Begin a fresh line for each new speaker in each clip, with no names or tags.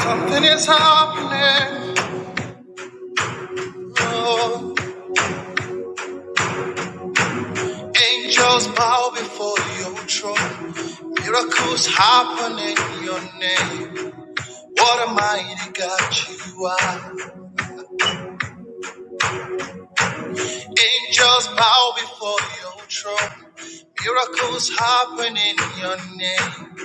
Something is happening. Lord. Angels bow before your throne. Miracles happen in your name. What a mighty God you are. Angels bow before your throne. Miracles happen in your name.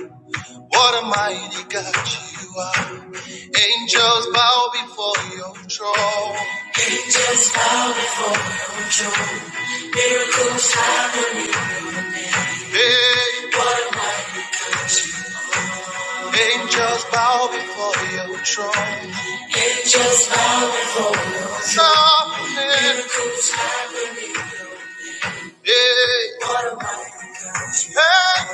What a mighty God you are. Angels bow before your throne. Hey. Angels bow before your throne. Angels bow before your throne. Yeah. Hey,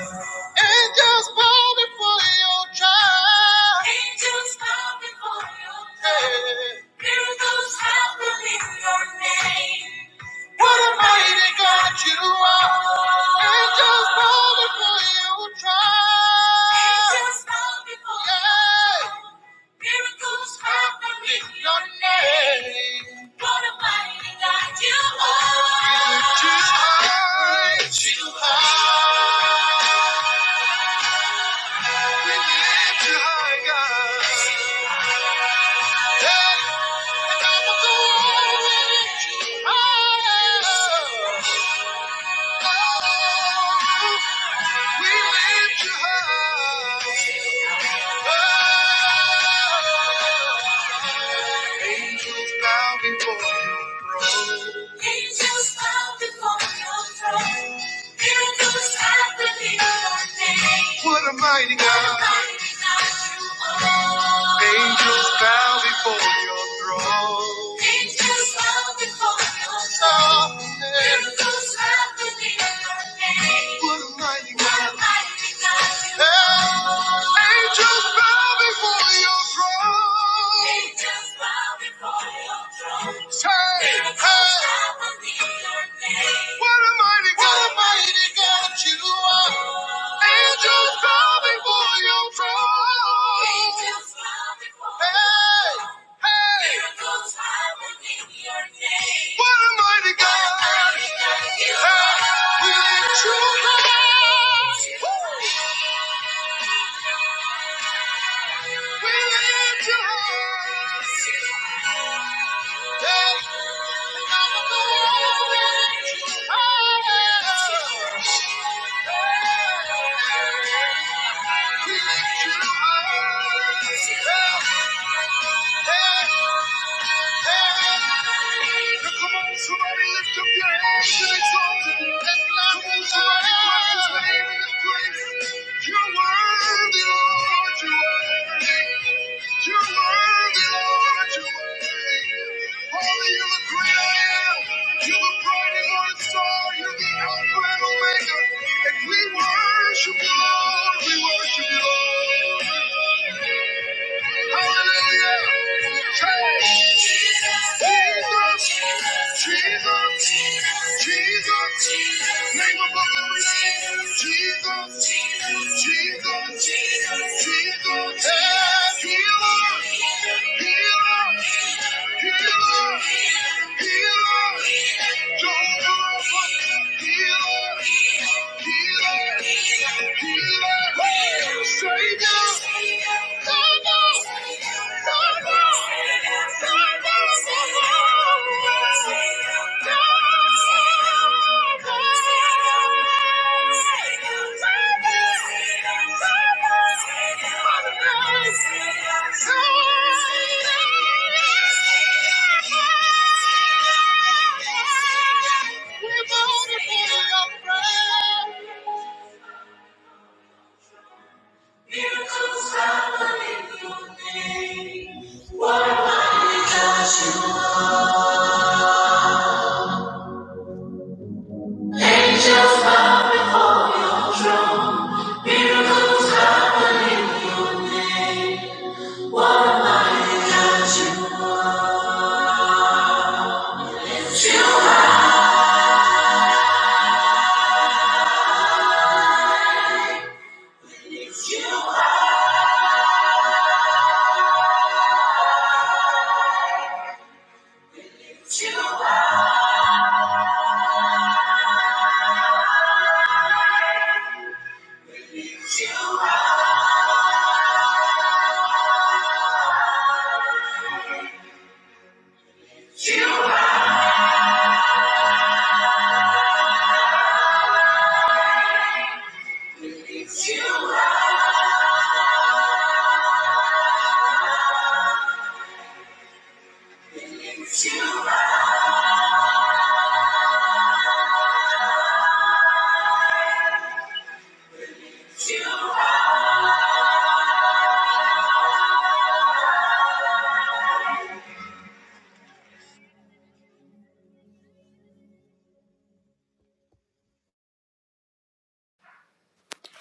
angels bow before your child. Angels bow before your child. Yeah. Miracles happen in your name. What a mighty God you are. Angels bow before your child! Angels bow before your Yeah. Miracles happen in your name. What a mighty God you are. Too high, too high. We lift you high, God. Hey, top of the world, we lift you high. We lift you high. Angels bow before your throne. Angels bow before your throne. Miracles happening all day. What a mighty God. What a mighty God you are. Angels bow before your throne. Angels bow before your throne. Miracles happening all day. What a mighty God. What a mighty God you are. Angels bow before your they bow before your throne. Miracles never need your name. What a mighty God, What a mighty God you are. Angels bow before your throne. Hey, hey. Miracles never need your name. What a mighty God. We Yeah come on, somebody lift up your hands. You're you You're you You're worthy, Lord, You're are. are. worthy, You're worthy, Lord, Lord, Holy and and And great I am. the the bright and morning star. You're the Alpha and Omega. And we Worship you, Lord, we worship you, Lord. Healer, healer, healer, healer, we're both in the Miracles follow in your name.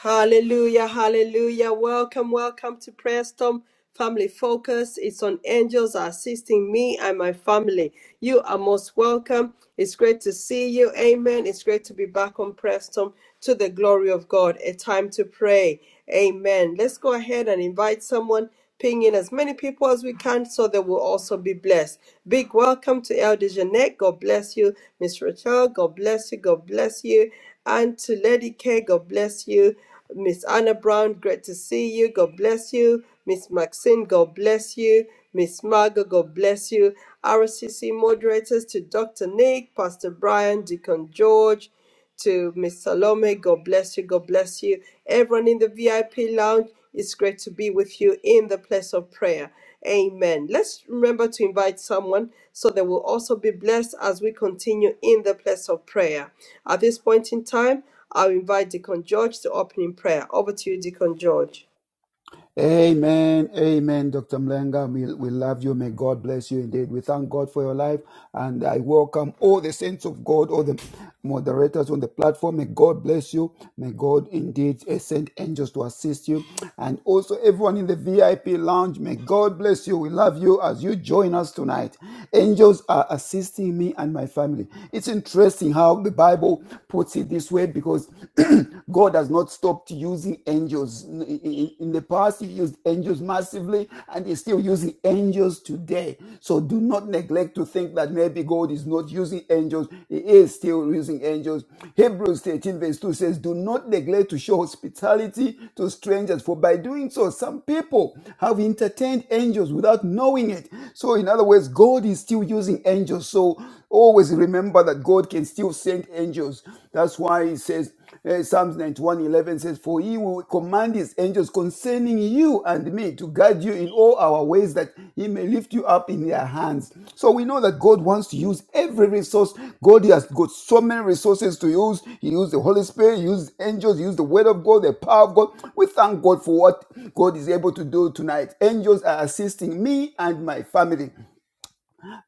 Hallelujah, hallelujah. Welcome, welcome to Prayer Storm Family Focus. It's on angels assisting me and my family. You are most welcome. It's great to see you. Amen. It's great to be back on Prayer Storm to the glory of God. A time to pray. Amen. Let's go ahead and invite someone Ping in as many people as we can so they will also be blessed. Big welcome to Elder Jeanette. God bless you. Miss Rachel, God bless you. God bless you. And to Lady K, God bless you. Miss Anna Brown, great to see you. God bless you. Miss Maxine, God bless you. Miss Margot, God bless you. RCC moderators to Dr. Nick, Pastor Brian, Deacon George to Miss Salome. God bless you. God bless you. Everyone in the VIP lounge, it's great to be with you in the place of prayer. Amen. Let's remember to invite someone so they will also be blessed as we continue in the place of prayer. At this point in time, I'll invite Deacon George to opening prayer. Over to you, Deacon George.
Amen. Amen, Dr. Mlenga. We, we love you. May God bless you indeed. We thank God for your life. And I welcome all the saints of God, all the moderators on the platform. May God bless you. May God indeed eh, send angels to assist you. And also everyone in the VIP lounge, may God bless you. We love you as you join us tonight. Angels are assisting me and my family. It's interesting how the Bible puts it this way because God has not stopped using angels. In, the past, He used angels massively, and He's still using angels today. So do not neglect to think that maybe God is not using angels. He is still using angels. Hebrews 13, verse 2 says, Do not neglect to show hospitality to strangers, for by doing so, some people have entertained angels without knowing it. So, in other words, God is still using angels. So Always remember that God can still send angels. That's why he says, uh, Psalms 91:11 says, For he will command his angels concerning you and me to guide you in all our ways that he may lift you up in their hands. So we know that God wants to use every resource. God has got so many resources to use. He used the Holy Spirit, he used angels, he used the word of God, the power of God. We thank God for what God is able to do tonight. Angels are assisting me and my family.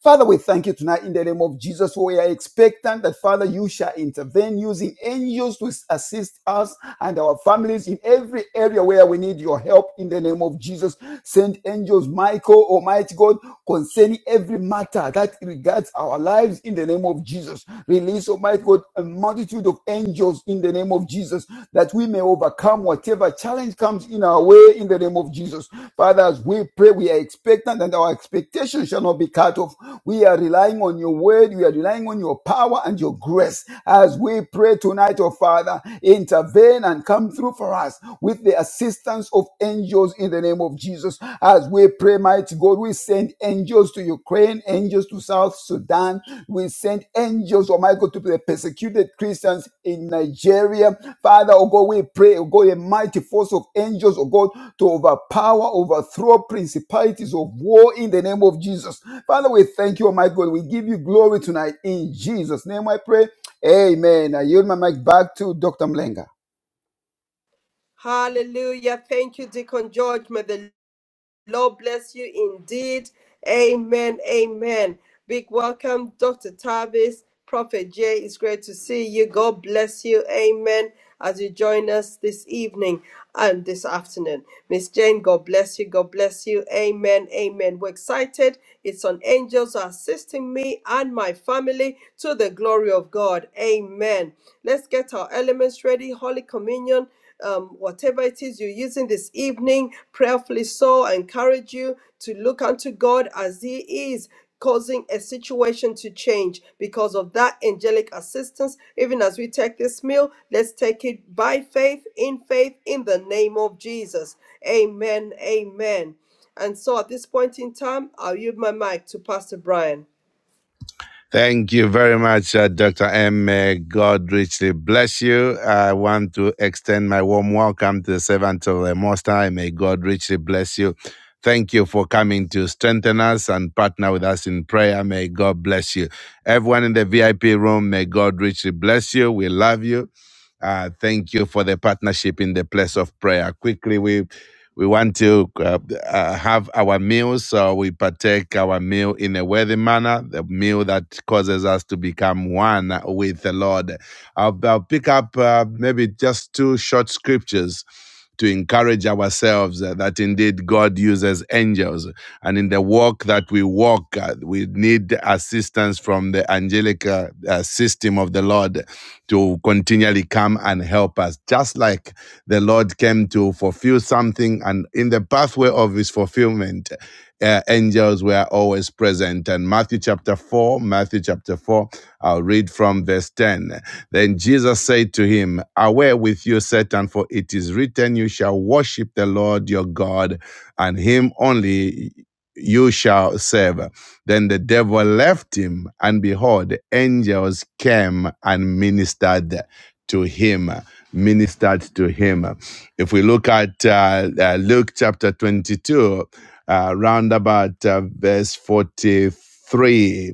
Father, we thank you tonight in the name of Jesus. We are expectant that, Father, you shall intervene using angels to assist us and our families in every area where we need your help in the name of Jesus. Send angels, Michael, Almighty God, concerning every matter that regards our lives in the name of Jesus. Release, Almighty God, a multitude of angels in the name of of Jesus, that we may overcome whatever challenge comes in our way in the name of Jesus. Father, as we pray, we are expectant and our expectation shall not be cut off. We are relying on your word, we are relying on your power and your grace. As we pray tonight, oh Father, intervene and come through for us with the assistance of angels in the name of Jesus. As we pray, pray, mighty God, we send angels to Ukraine, angels to South Sudan. We send angels, oh my God, to the persecuted Christians in Nigeria. Father, oh God, we pray, oh God, a mighty force of angels, oh God, to overpower, overthrow principalities of war in the name of Jesus. Father, we thank you, oh my God. We give you glory tonight. In Jesus' name I pray. Amen. I yield my mic back to Dr. Mlenga.
Hallelujah. Thank you, Deacon George. May the Lord bless you indeed. Amen. Amen. Big welcome, Dr. Tavis, Prophet Jay. It's great to see you. God bless you. Amen. As you join us this evening and this afternoon. Miss Jane, God bless you. God bless you. Amen. Amen. We're excited. It's on angels assisting me and my family to the glory of God. Amen. Let's get our elements ready. Holy Communion um, whatever it is you're using this evening, prayerfully so, I encourage you to look unto God as He is. Causing a situation to change because of that angelic assistance. Even as we take this meal, let's take it by faith, in faith, in the name of Jesus. Amen. Amen. And so at this point in time, I'll yield my mic to Pastor Brian.
Thank you very much, uh, Dr. M. May God richly bless you. I want to extend my warm welcome to the servant of the Most High. May God richly bless you. Thank you for coming to strengthen us and partner with us in prayer. May God bless you. Everyone in the VIP room, may God richly bless you. We love you. Uh, thank you for the partnership in the place of prayer. Quickly, we we want to uh, uh, have our meals, so we partake our meal in a worthy manner, the meal that causes us to become one with the Lord. I'll, I'll pick up uh, maybe just two short scriptures to encourage ourselves uh, that indeed God uses angels. And in the walk that we walk, uh, we need assistance from the angelic uh, uh, system of the Lord to continually come and help us, just like the Lord came to fulfill something, and in the pathway of his fulfillment, uh, angels were always present. And Matthew chapter 4, Matthew chapter 4, I'll read from verse 10. Then Jesus said to him, Away with you, Satan, for it is written, You shall worship the Lord your God, and him only you shall serve. Then the devil left him, and behold, angels came and ministered to him ministered to him. If we look at uh, uh, Luke chapter 22, uh, round about uh, verse 43,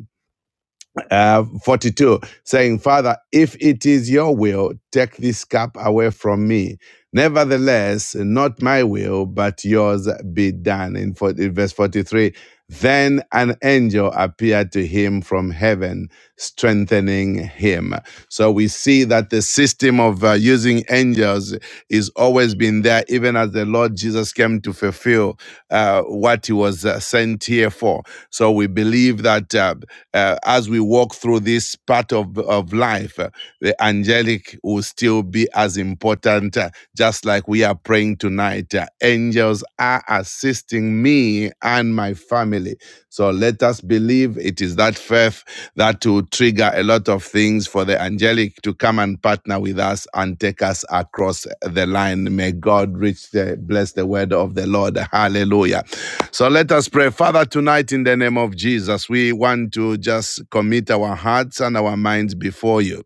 uh, 42, saying, Father, if it is your will, take this cup away from me. Nevertheless, not my will, but yours be done. In, in verse 43, then an angel appeared to him from heaven, strengthening him. So we see that the system of uh, using angels is always been there, even as the Lord Jesus came to fulfill uh, what he was uh, sent here for. So we believe that uh, uh, as we walk through this part of, of life, uh, the angelic will still be as important, uh, just like we are praying tonight. Uh, angels are assisting me and my family. So let us believe believe it is that faith that will trigger a lot of things for the angelic to come and partner with us and take us across the line. May God reach the, bless the word of the Lord. Hallelujah. So let us pray. Father, tonight in the name of Jesus, we want to just commit our hearts and our minds before you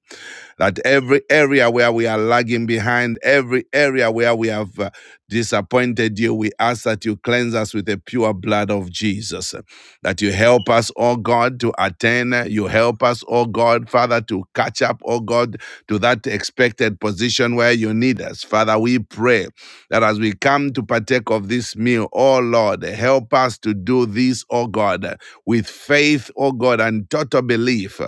that every area where we are lagging behind, every area where we have uh, disappointed you, we ask that you cleanse us with the pure blood of Jesus. That you help us, oh God, to attain. You help us, oh God, Father, to catch up, oh God, to that expected position where you need us. Father, we pray that as we come to partake of this meal, oh Lord, help us to do this, oh God, with faith, oh God, and total belief.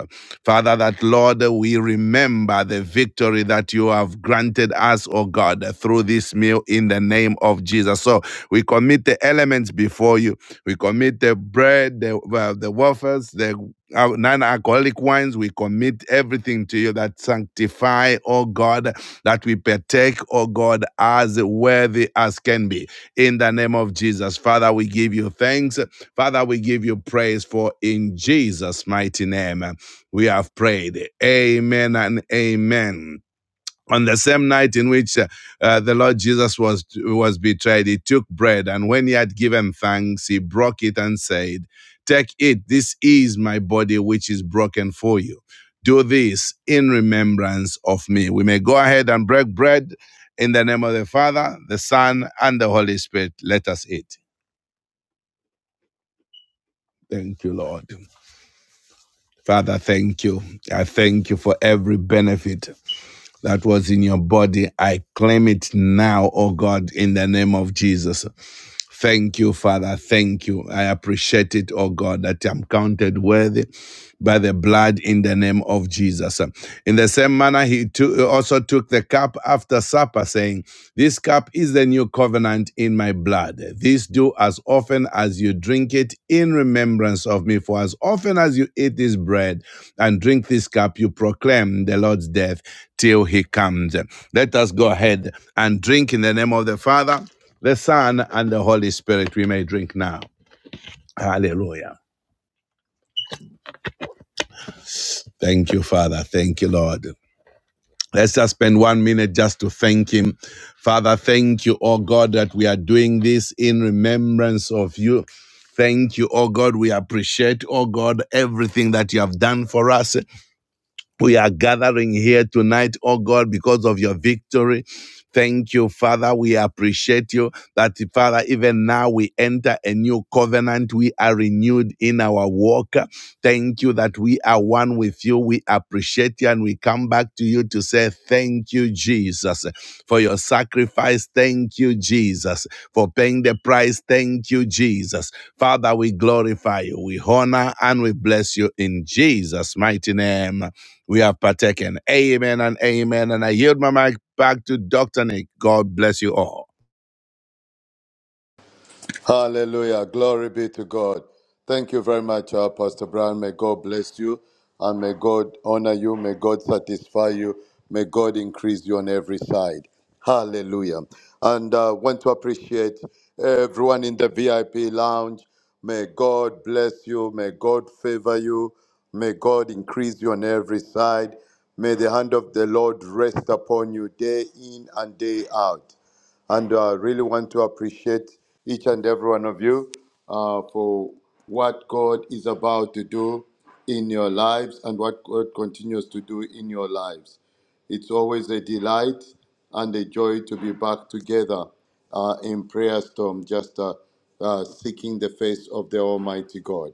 Father, that Lord, we remember the victory that you have granted us, oh God, through this meal in the name of Jesus. So we commit the elements before you. We commit the bread, the, uh, the wafers, the non alcoholic wines. We commit everything to you that sanctify, oh God, that we partake, oh God, as worthy as can be. In the name of Jesus, Father, we give you thanks. Father, we give you praise for in Jesus' mighty name we have prayed. Amen and amen on the same night in which uh, uh, the Lord Jesus was was betrayed, he took bread and when he had given thanks, he broke it and said, "Take it; this is my body, which is broken for you. Do this in remembrance of me." We may go ahead and break bread in the name of the Father, the Son, and the Holy Spirit. Let us eat. Thank you, Lord. Father, thank you. I thank you for every benefit. that was in your body. I claim it now, oh God, in the name of Jesus. Thank you, Father. Thank you. I appreciate it, oh God, that I'm counted worthy by the blood in the name of Jesus. In the same manner, he too- also took the cup after supper, saying, This cup is the new covenant in my blood. This do as often as you drink it in remembrance of me. For as often as you eat this bread and drink this cup, you proclaim the Lord's death till he comes. Let us go ahead and drink in the name of the Father, the Son, and the Holy Spirit. We may drink now. Hallelujah. Thank you, Father. Thank you, Lord. Let's just spend one minute just to thank Him. Father, thank you, oh God, that we are doing this in remembrance of you. Thank you, oh God. We appreciate, oh God, everything that you have done for us. We are gathering here tonight, oh God, because of your victory. Thank you, Father. We appreciate you that, Father, even now we enter a new covenant. We are renewed in our walk. Thank you that we are one with you. We appreciate you and we come back to you to say, Thank you, Jesus, for your sacrifice. Thank you, Jesus, for paying the price. Thank you, Jesus. Father, we glorify you. We honor and we bless you in Jesus' mighty name we have partaken. Amen and amen. And I yield my mic back to Dr. Nick. God bless you all.
Hallelujah. Glory be to God. Thank you very much, uh, Pastor Brown. May God bless you and may God honor you. May God satisfy you. May God increase you on every side. Hallelujah. And uh, want to appreciate everyone in the VIP lounge. May God bless you. May God favor you. May God increase you on every side. May the hand of the Lord rest upon you day in and day out. And I uh, really want to appreciate each and every one of you uh, for what God is about to do in your lives and what God continues to do in your lives. It's always a delight and a joy to be back together uh, in prayer storm, just uh, uh, seeking the face of the Almighty God.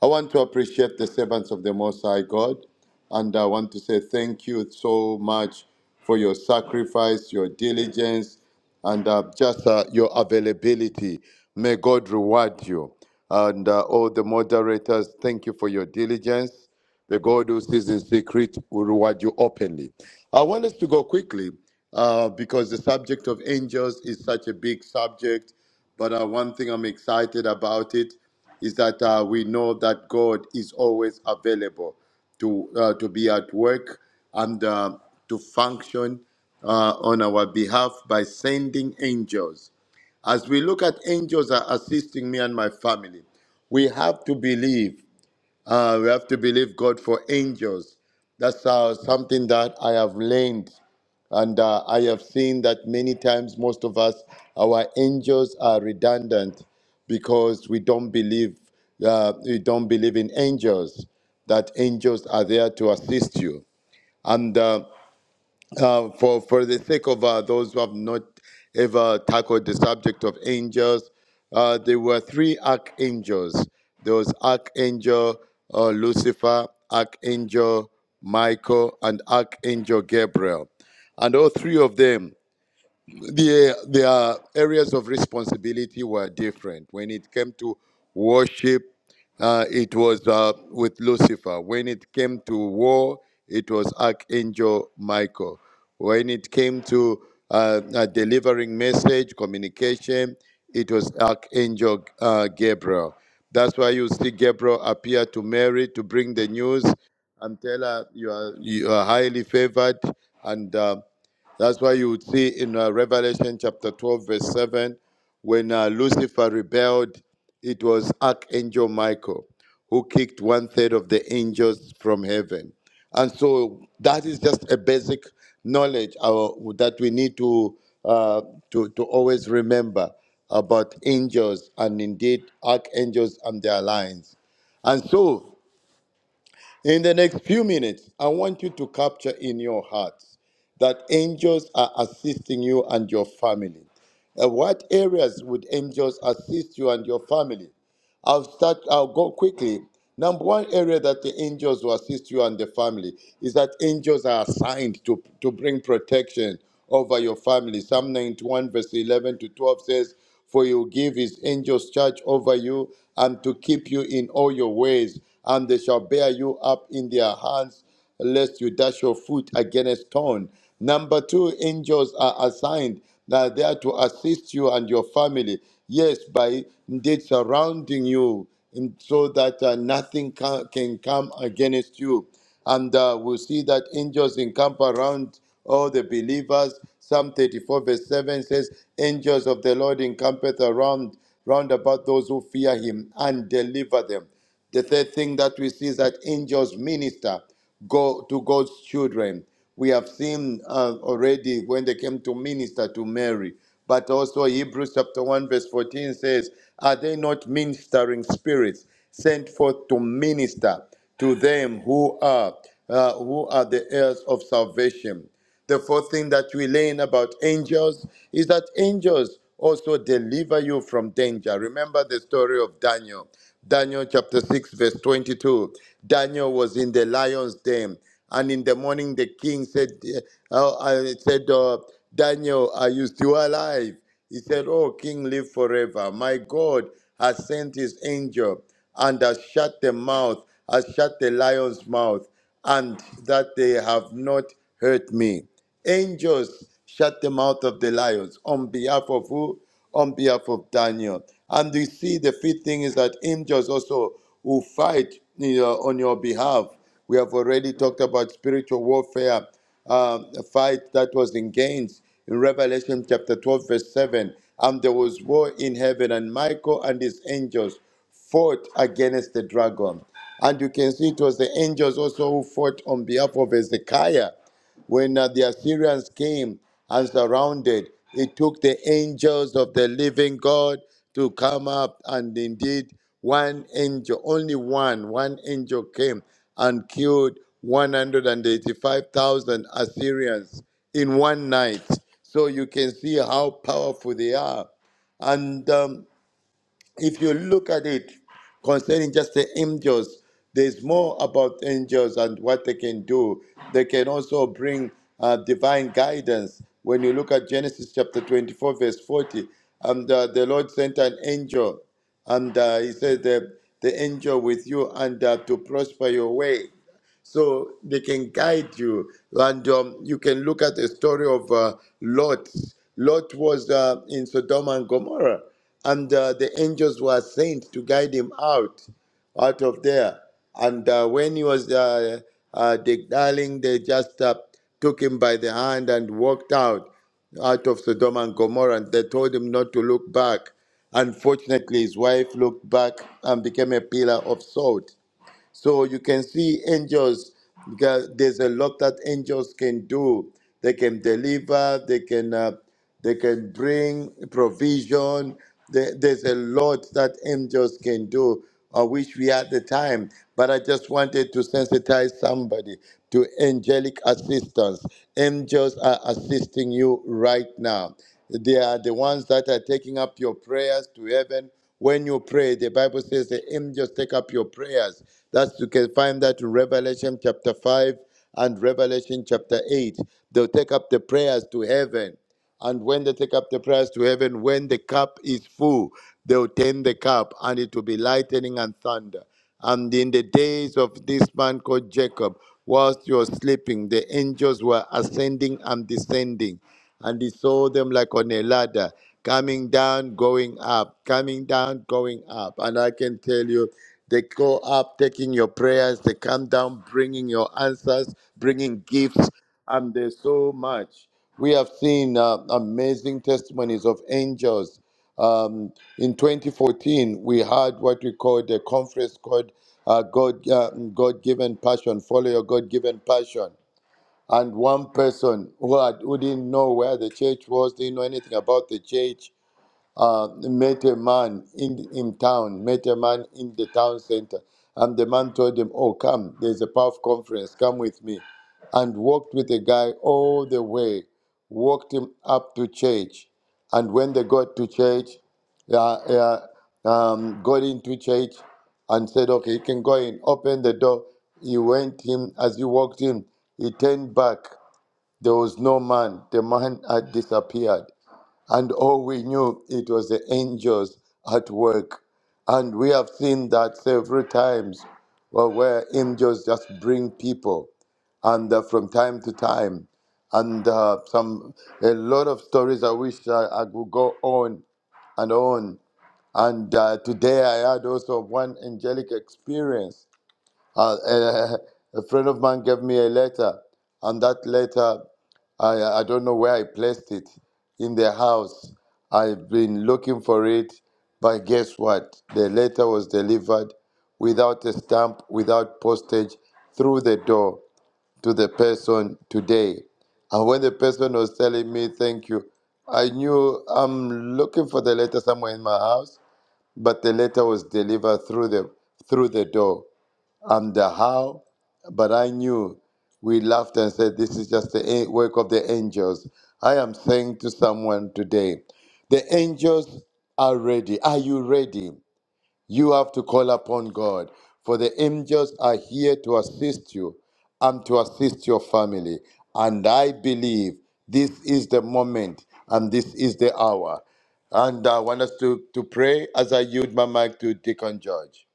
I want to appreciate the servants of the Most High God, and I want to say thank you so much for your sacrifice, your diligence, and uh, just uh, your availability. May God reward you. And uh, all the moderators, thank you for your diligence. The God who sees in secret will reward you openly. I want us to go quickly uh, because the subject of angels is such a big subject. But uh, one thing I'm excited about it is that uh, we know that God is always available to uh, to be at work and uh, to function uh, on our behalf by sending angels. As we look at angels are assisting me and my family, we have to believe uh, we have to believe God for angels. That's uh, something that I have learned. And uh, I have seen that many times, most of us, our angels are redundant because we don't believe uh, we don't believe in angels. That angels are there to assist you. and. uh, uh, for for the sake of uh, those who have not ever tackled the subject of angels, uh, there were three archangels. There was archangel uh, Lucifer, archangel Michael, and archangel Gabriel, and all three of them their their areas of responsibility were different. When it came to worship, uh, it was uh, with Lucifer. When it came to war, it was Archangel Michael. When it came to uh, uh, delivering message, communication, it was Archangel uh, Gabriel. That's why you see Gabriel appear to Mary to bring the news and tell her you are you are highly favored and. uh, that's why you would see in uh, Revelation chapter 12, verse 7, when uh, Lucifer rebelled, it was Archangel Michael who kicked one third of the angels from heaven. And so that is just a basic knowledge uh, that we need to, uh, to, to always remember about angels and indeed archangels and their lines. And so in the next few minutes, I want you to capture in your hearts that angels are assisting you and your family. Uh, what areas would angels assist you and your family? I'll start, I'll go quickly. Number one area that the angels will assist you and the family is that angels are assigned to, to bring protection over your family. Psalm 91, verse 11 to 12 says, For you give his angels charge over you and to keep you in all your ways, and they shall bear you up in their hands lest you dash your foot against a stone. Number two, angels are assigned that they are there to assist you and your family. Yes, by indeed surrounding you in- so that uh, nothing can, can come against you. And uh, we'll see that angels encamp around all the believers. Psalm 34, verse 7 says, Angels of the Lord encampeth around round about those who fear him and deliver them. The third thing that we see is that angels minister go to God's children. We have seen uh, already when they came to minister to Mary, but also Hebrews chapter 1 verse 14 says, "Are they not ministering spirits sent forth to minister to them who are uh, who are the heirs of salvation?" The fourth thing that we learn about angels is that angels also deliver you from danger. Remember the story of Daniel. Daniel chapter 6, verse 22. Daniel was in the lion's den, and in the morning the king said, uh, uh, said uh, Daniel, are you still alive? He said, Oh, King, live forever. My God has sent his angel and has shut the mouth, has shut the lion's mouth and that they have not hurt me. Angels shut the mouth of the lions on behalf of who? On behalf of Daniel. And we see the fifth thing is that angels also who fight you know, on your behalf. We have already talked about spiritual warfare, um, a fight that was engaged in Revelation chapter 12, verse 7. And there was war in heaven, and Michael and his angels fought against the dragon. And you can see it was the angels also who fought on behalf of Hezekiah. When uh, the Assyrians came and surrounded, it took the angels of the living God to come up. And indeed, one angel, only one, one angel came and killed 185,000 Assyrians in one night. So you can see how powerful they are. And um, if you look at it concerning just the angels, there's more about angels and what they can do. They can also bring uh, divine guidance. When you look at Genesis chapter 24, verse 40, and uh, the Lord sent an angel, and uh, he said, the, the angel with you, and uh, to prosper your way so they can guide you. And um, you can look at the story of uh, Lot. Lot was uh, in Sodom and Gomorrah, and uh, the angels were sent to guide him out, out of there. And uh, when he was uh, uh, darling, they just uh, took him by the hand and walked out, out of Sodom and Gomorrah. And they told him not to look back. Unfortunately, his wife looked back and became a pillar of salt. So you can see angels because there's a lot that angels can do. They can deliver. They can uh, they can bring provision. There- There's a lot that angels can do. I wish we had the time, but I just wanted to sensitize somebody to angelic assistance. Angels are assisting you right now. They are the ones that are taking up your prayers to heaven when you pray, the Bible says the angels take up your prayers. That's you can find that in Revelation chapter 5 and Revelation chapter 8. They'll take up the prayers to heaven. And when they take up the prayers to heaven, when the cup is full, they'll turn the cup and it will be lightning and thunder. And in the days of this man called Jacob, whilst you're sleeping, the angels were ascending and descending and he saw them like on a ladder, coming down, going up, coming down, going up. And I can tell you, they go up taking your prayers, they come down bringing your answers, bringing gifts, and there's so much. We have seen uh, amazing testimonies of angels. Um, in 2014, we had what we called a conference called uh, God, uh, God-given passion, follow your God-given passion and one person who, had, who didn't know where the church was, didn't know anything about the church, uh, met a man in, in town, met a man in the town center. And the man told him, Oh, come, there's a PAF conference, come with me. And walked with the guy all the way, walked him up to church. And when they got to church, uh, uh, um, got into church and said, Okay, you can go in, open the door. He went in, as he walked in, he turned back there was no man. The man had disappeared. And all we knew, it was the angels at work. And we have seen that several times well, where angels just bring people. And uh, from time to time, and uh, some a lot of stories I wish I, I could go on and on. And uh, today I had also one angelic experience uh, a, a friend of mine gave me a letter, and that letter, I, I don't know where I placed it in the house. I've been looking for it, but guess what? The letter was delivered without a stamp, without postage, through the door to the person today. And when the person was telling me, thank you, I knew I'm looking for the letter somewhere in my house, but the letter was delivered through the through the door and the how, but I knew. We laughed and said, This is just the a- work of the angels. I am saying to someone today, the angels are ready. Are you ready? You have to call upon God, for the angels are here to assist you and to assist your family. And I believe this is the moment and this is the hour. And I want us to, to pray as I yield my mic to Deacon George.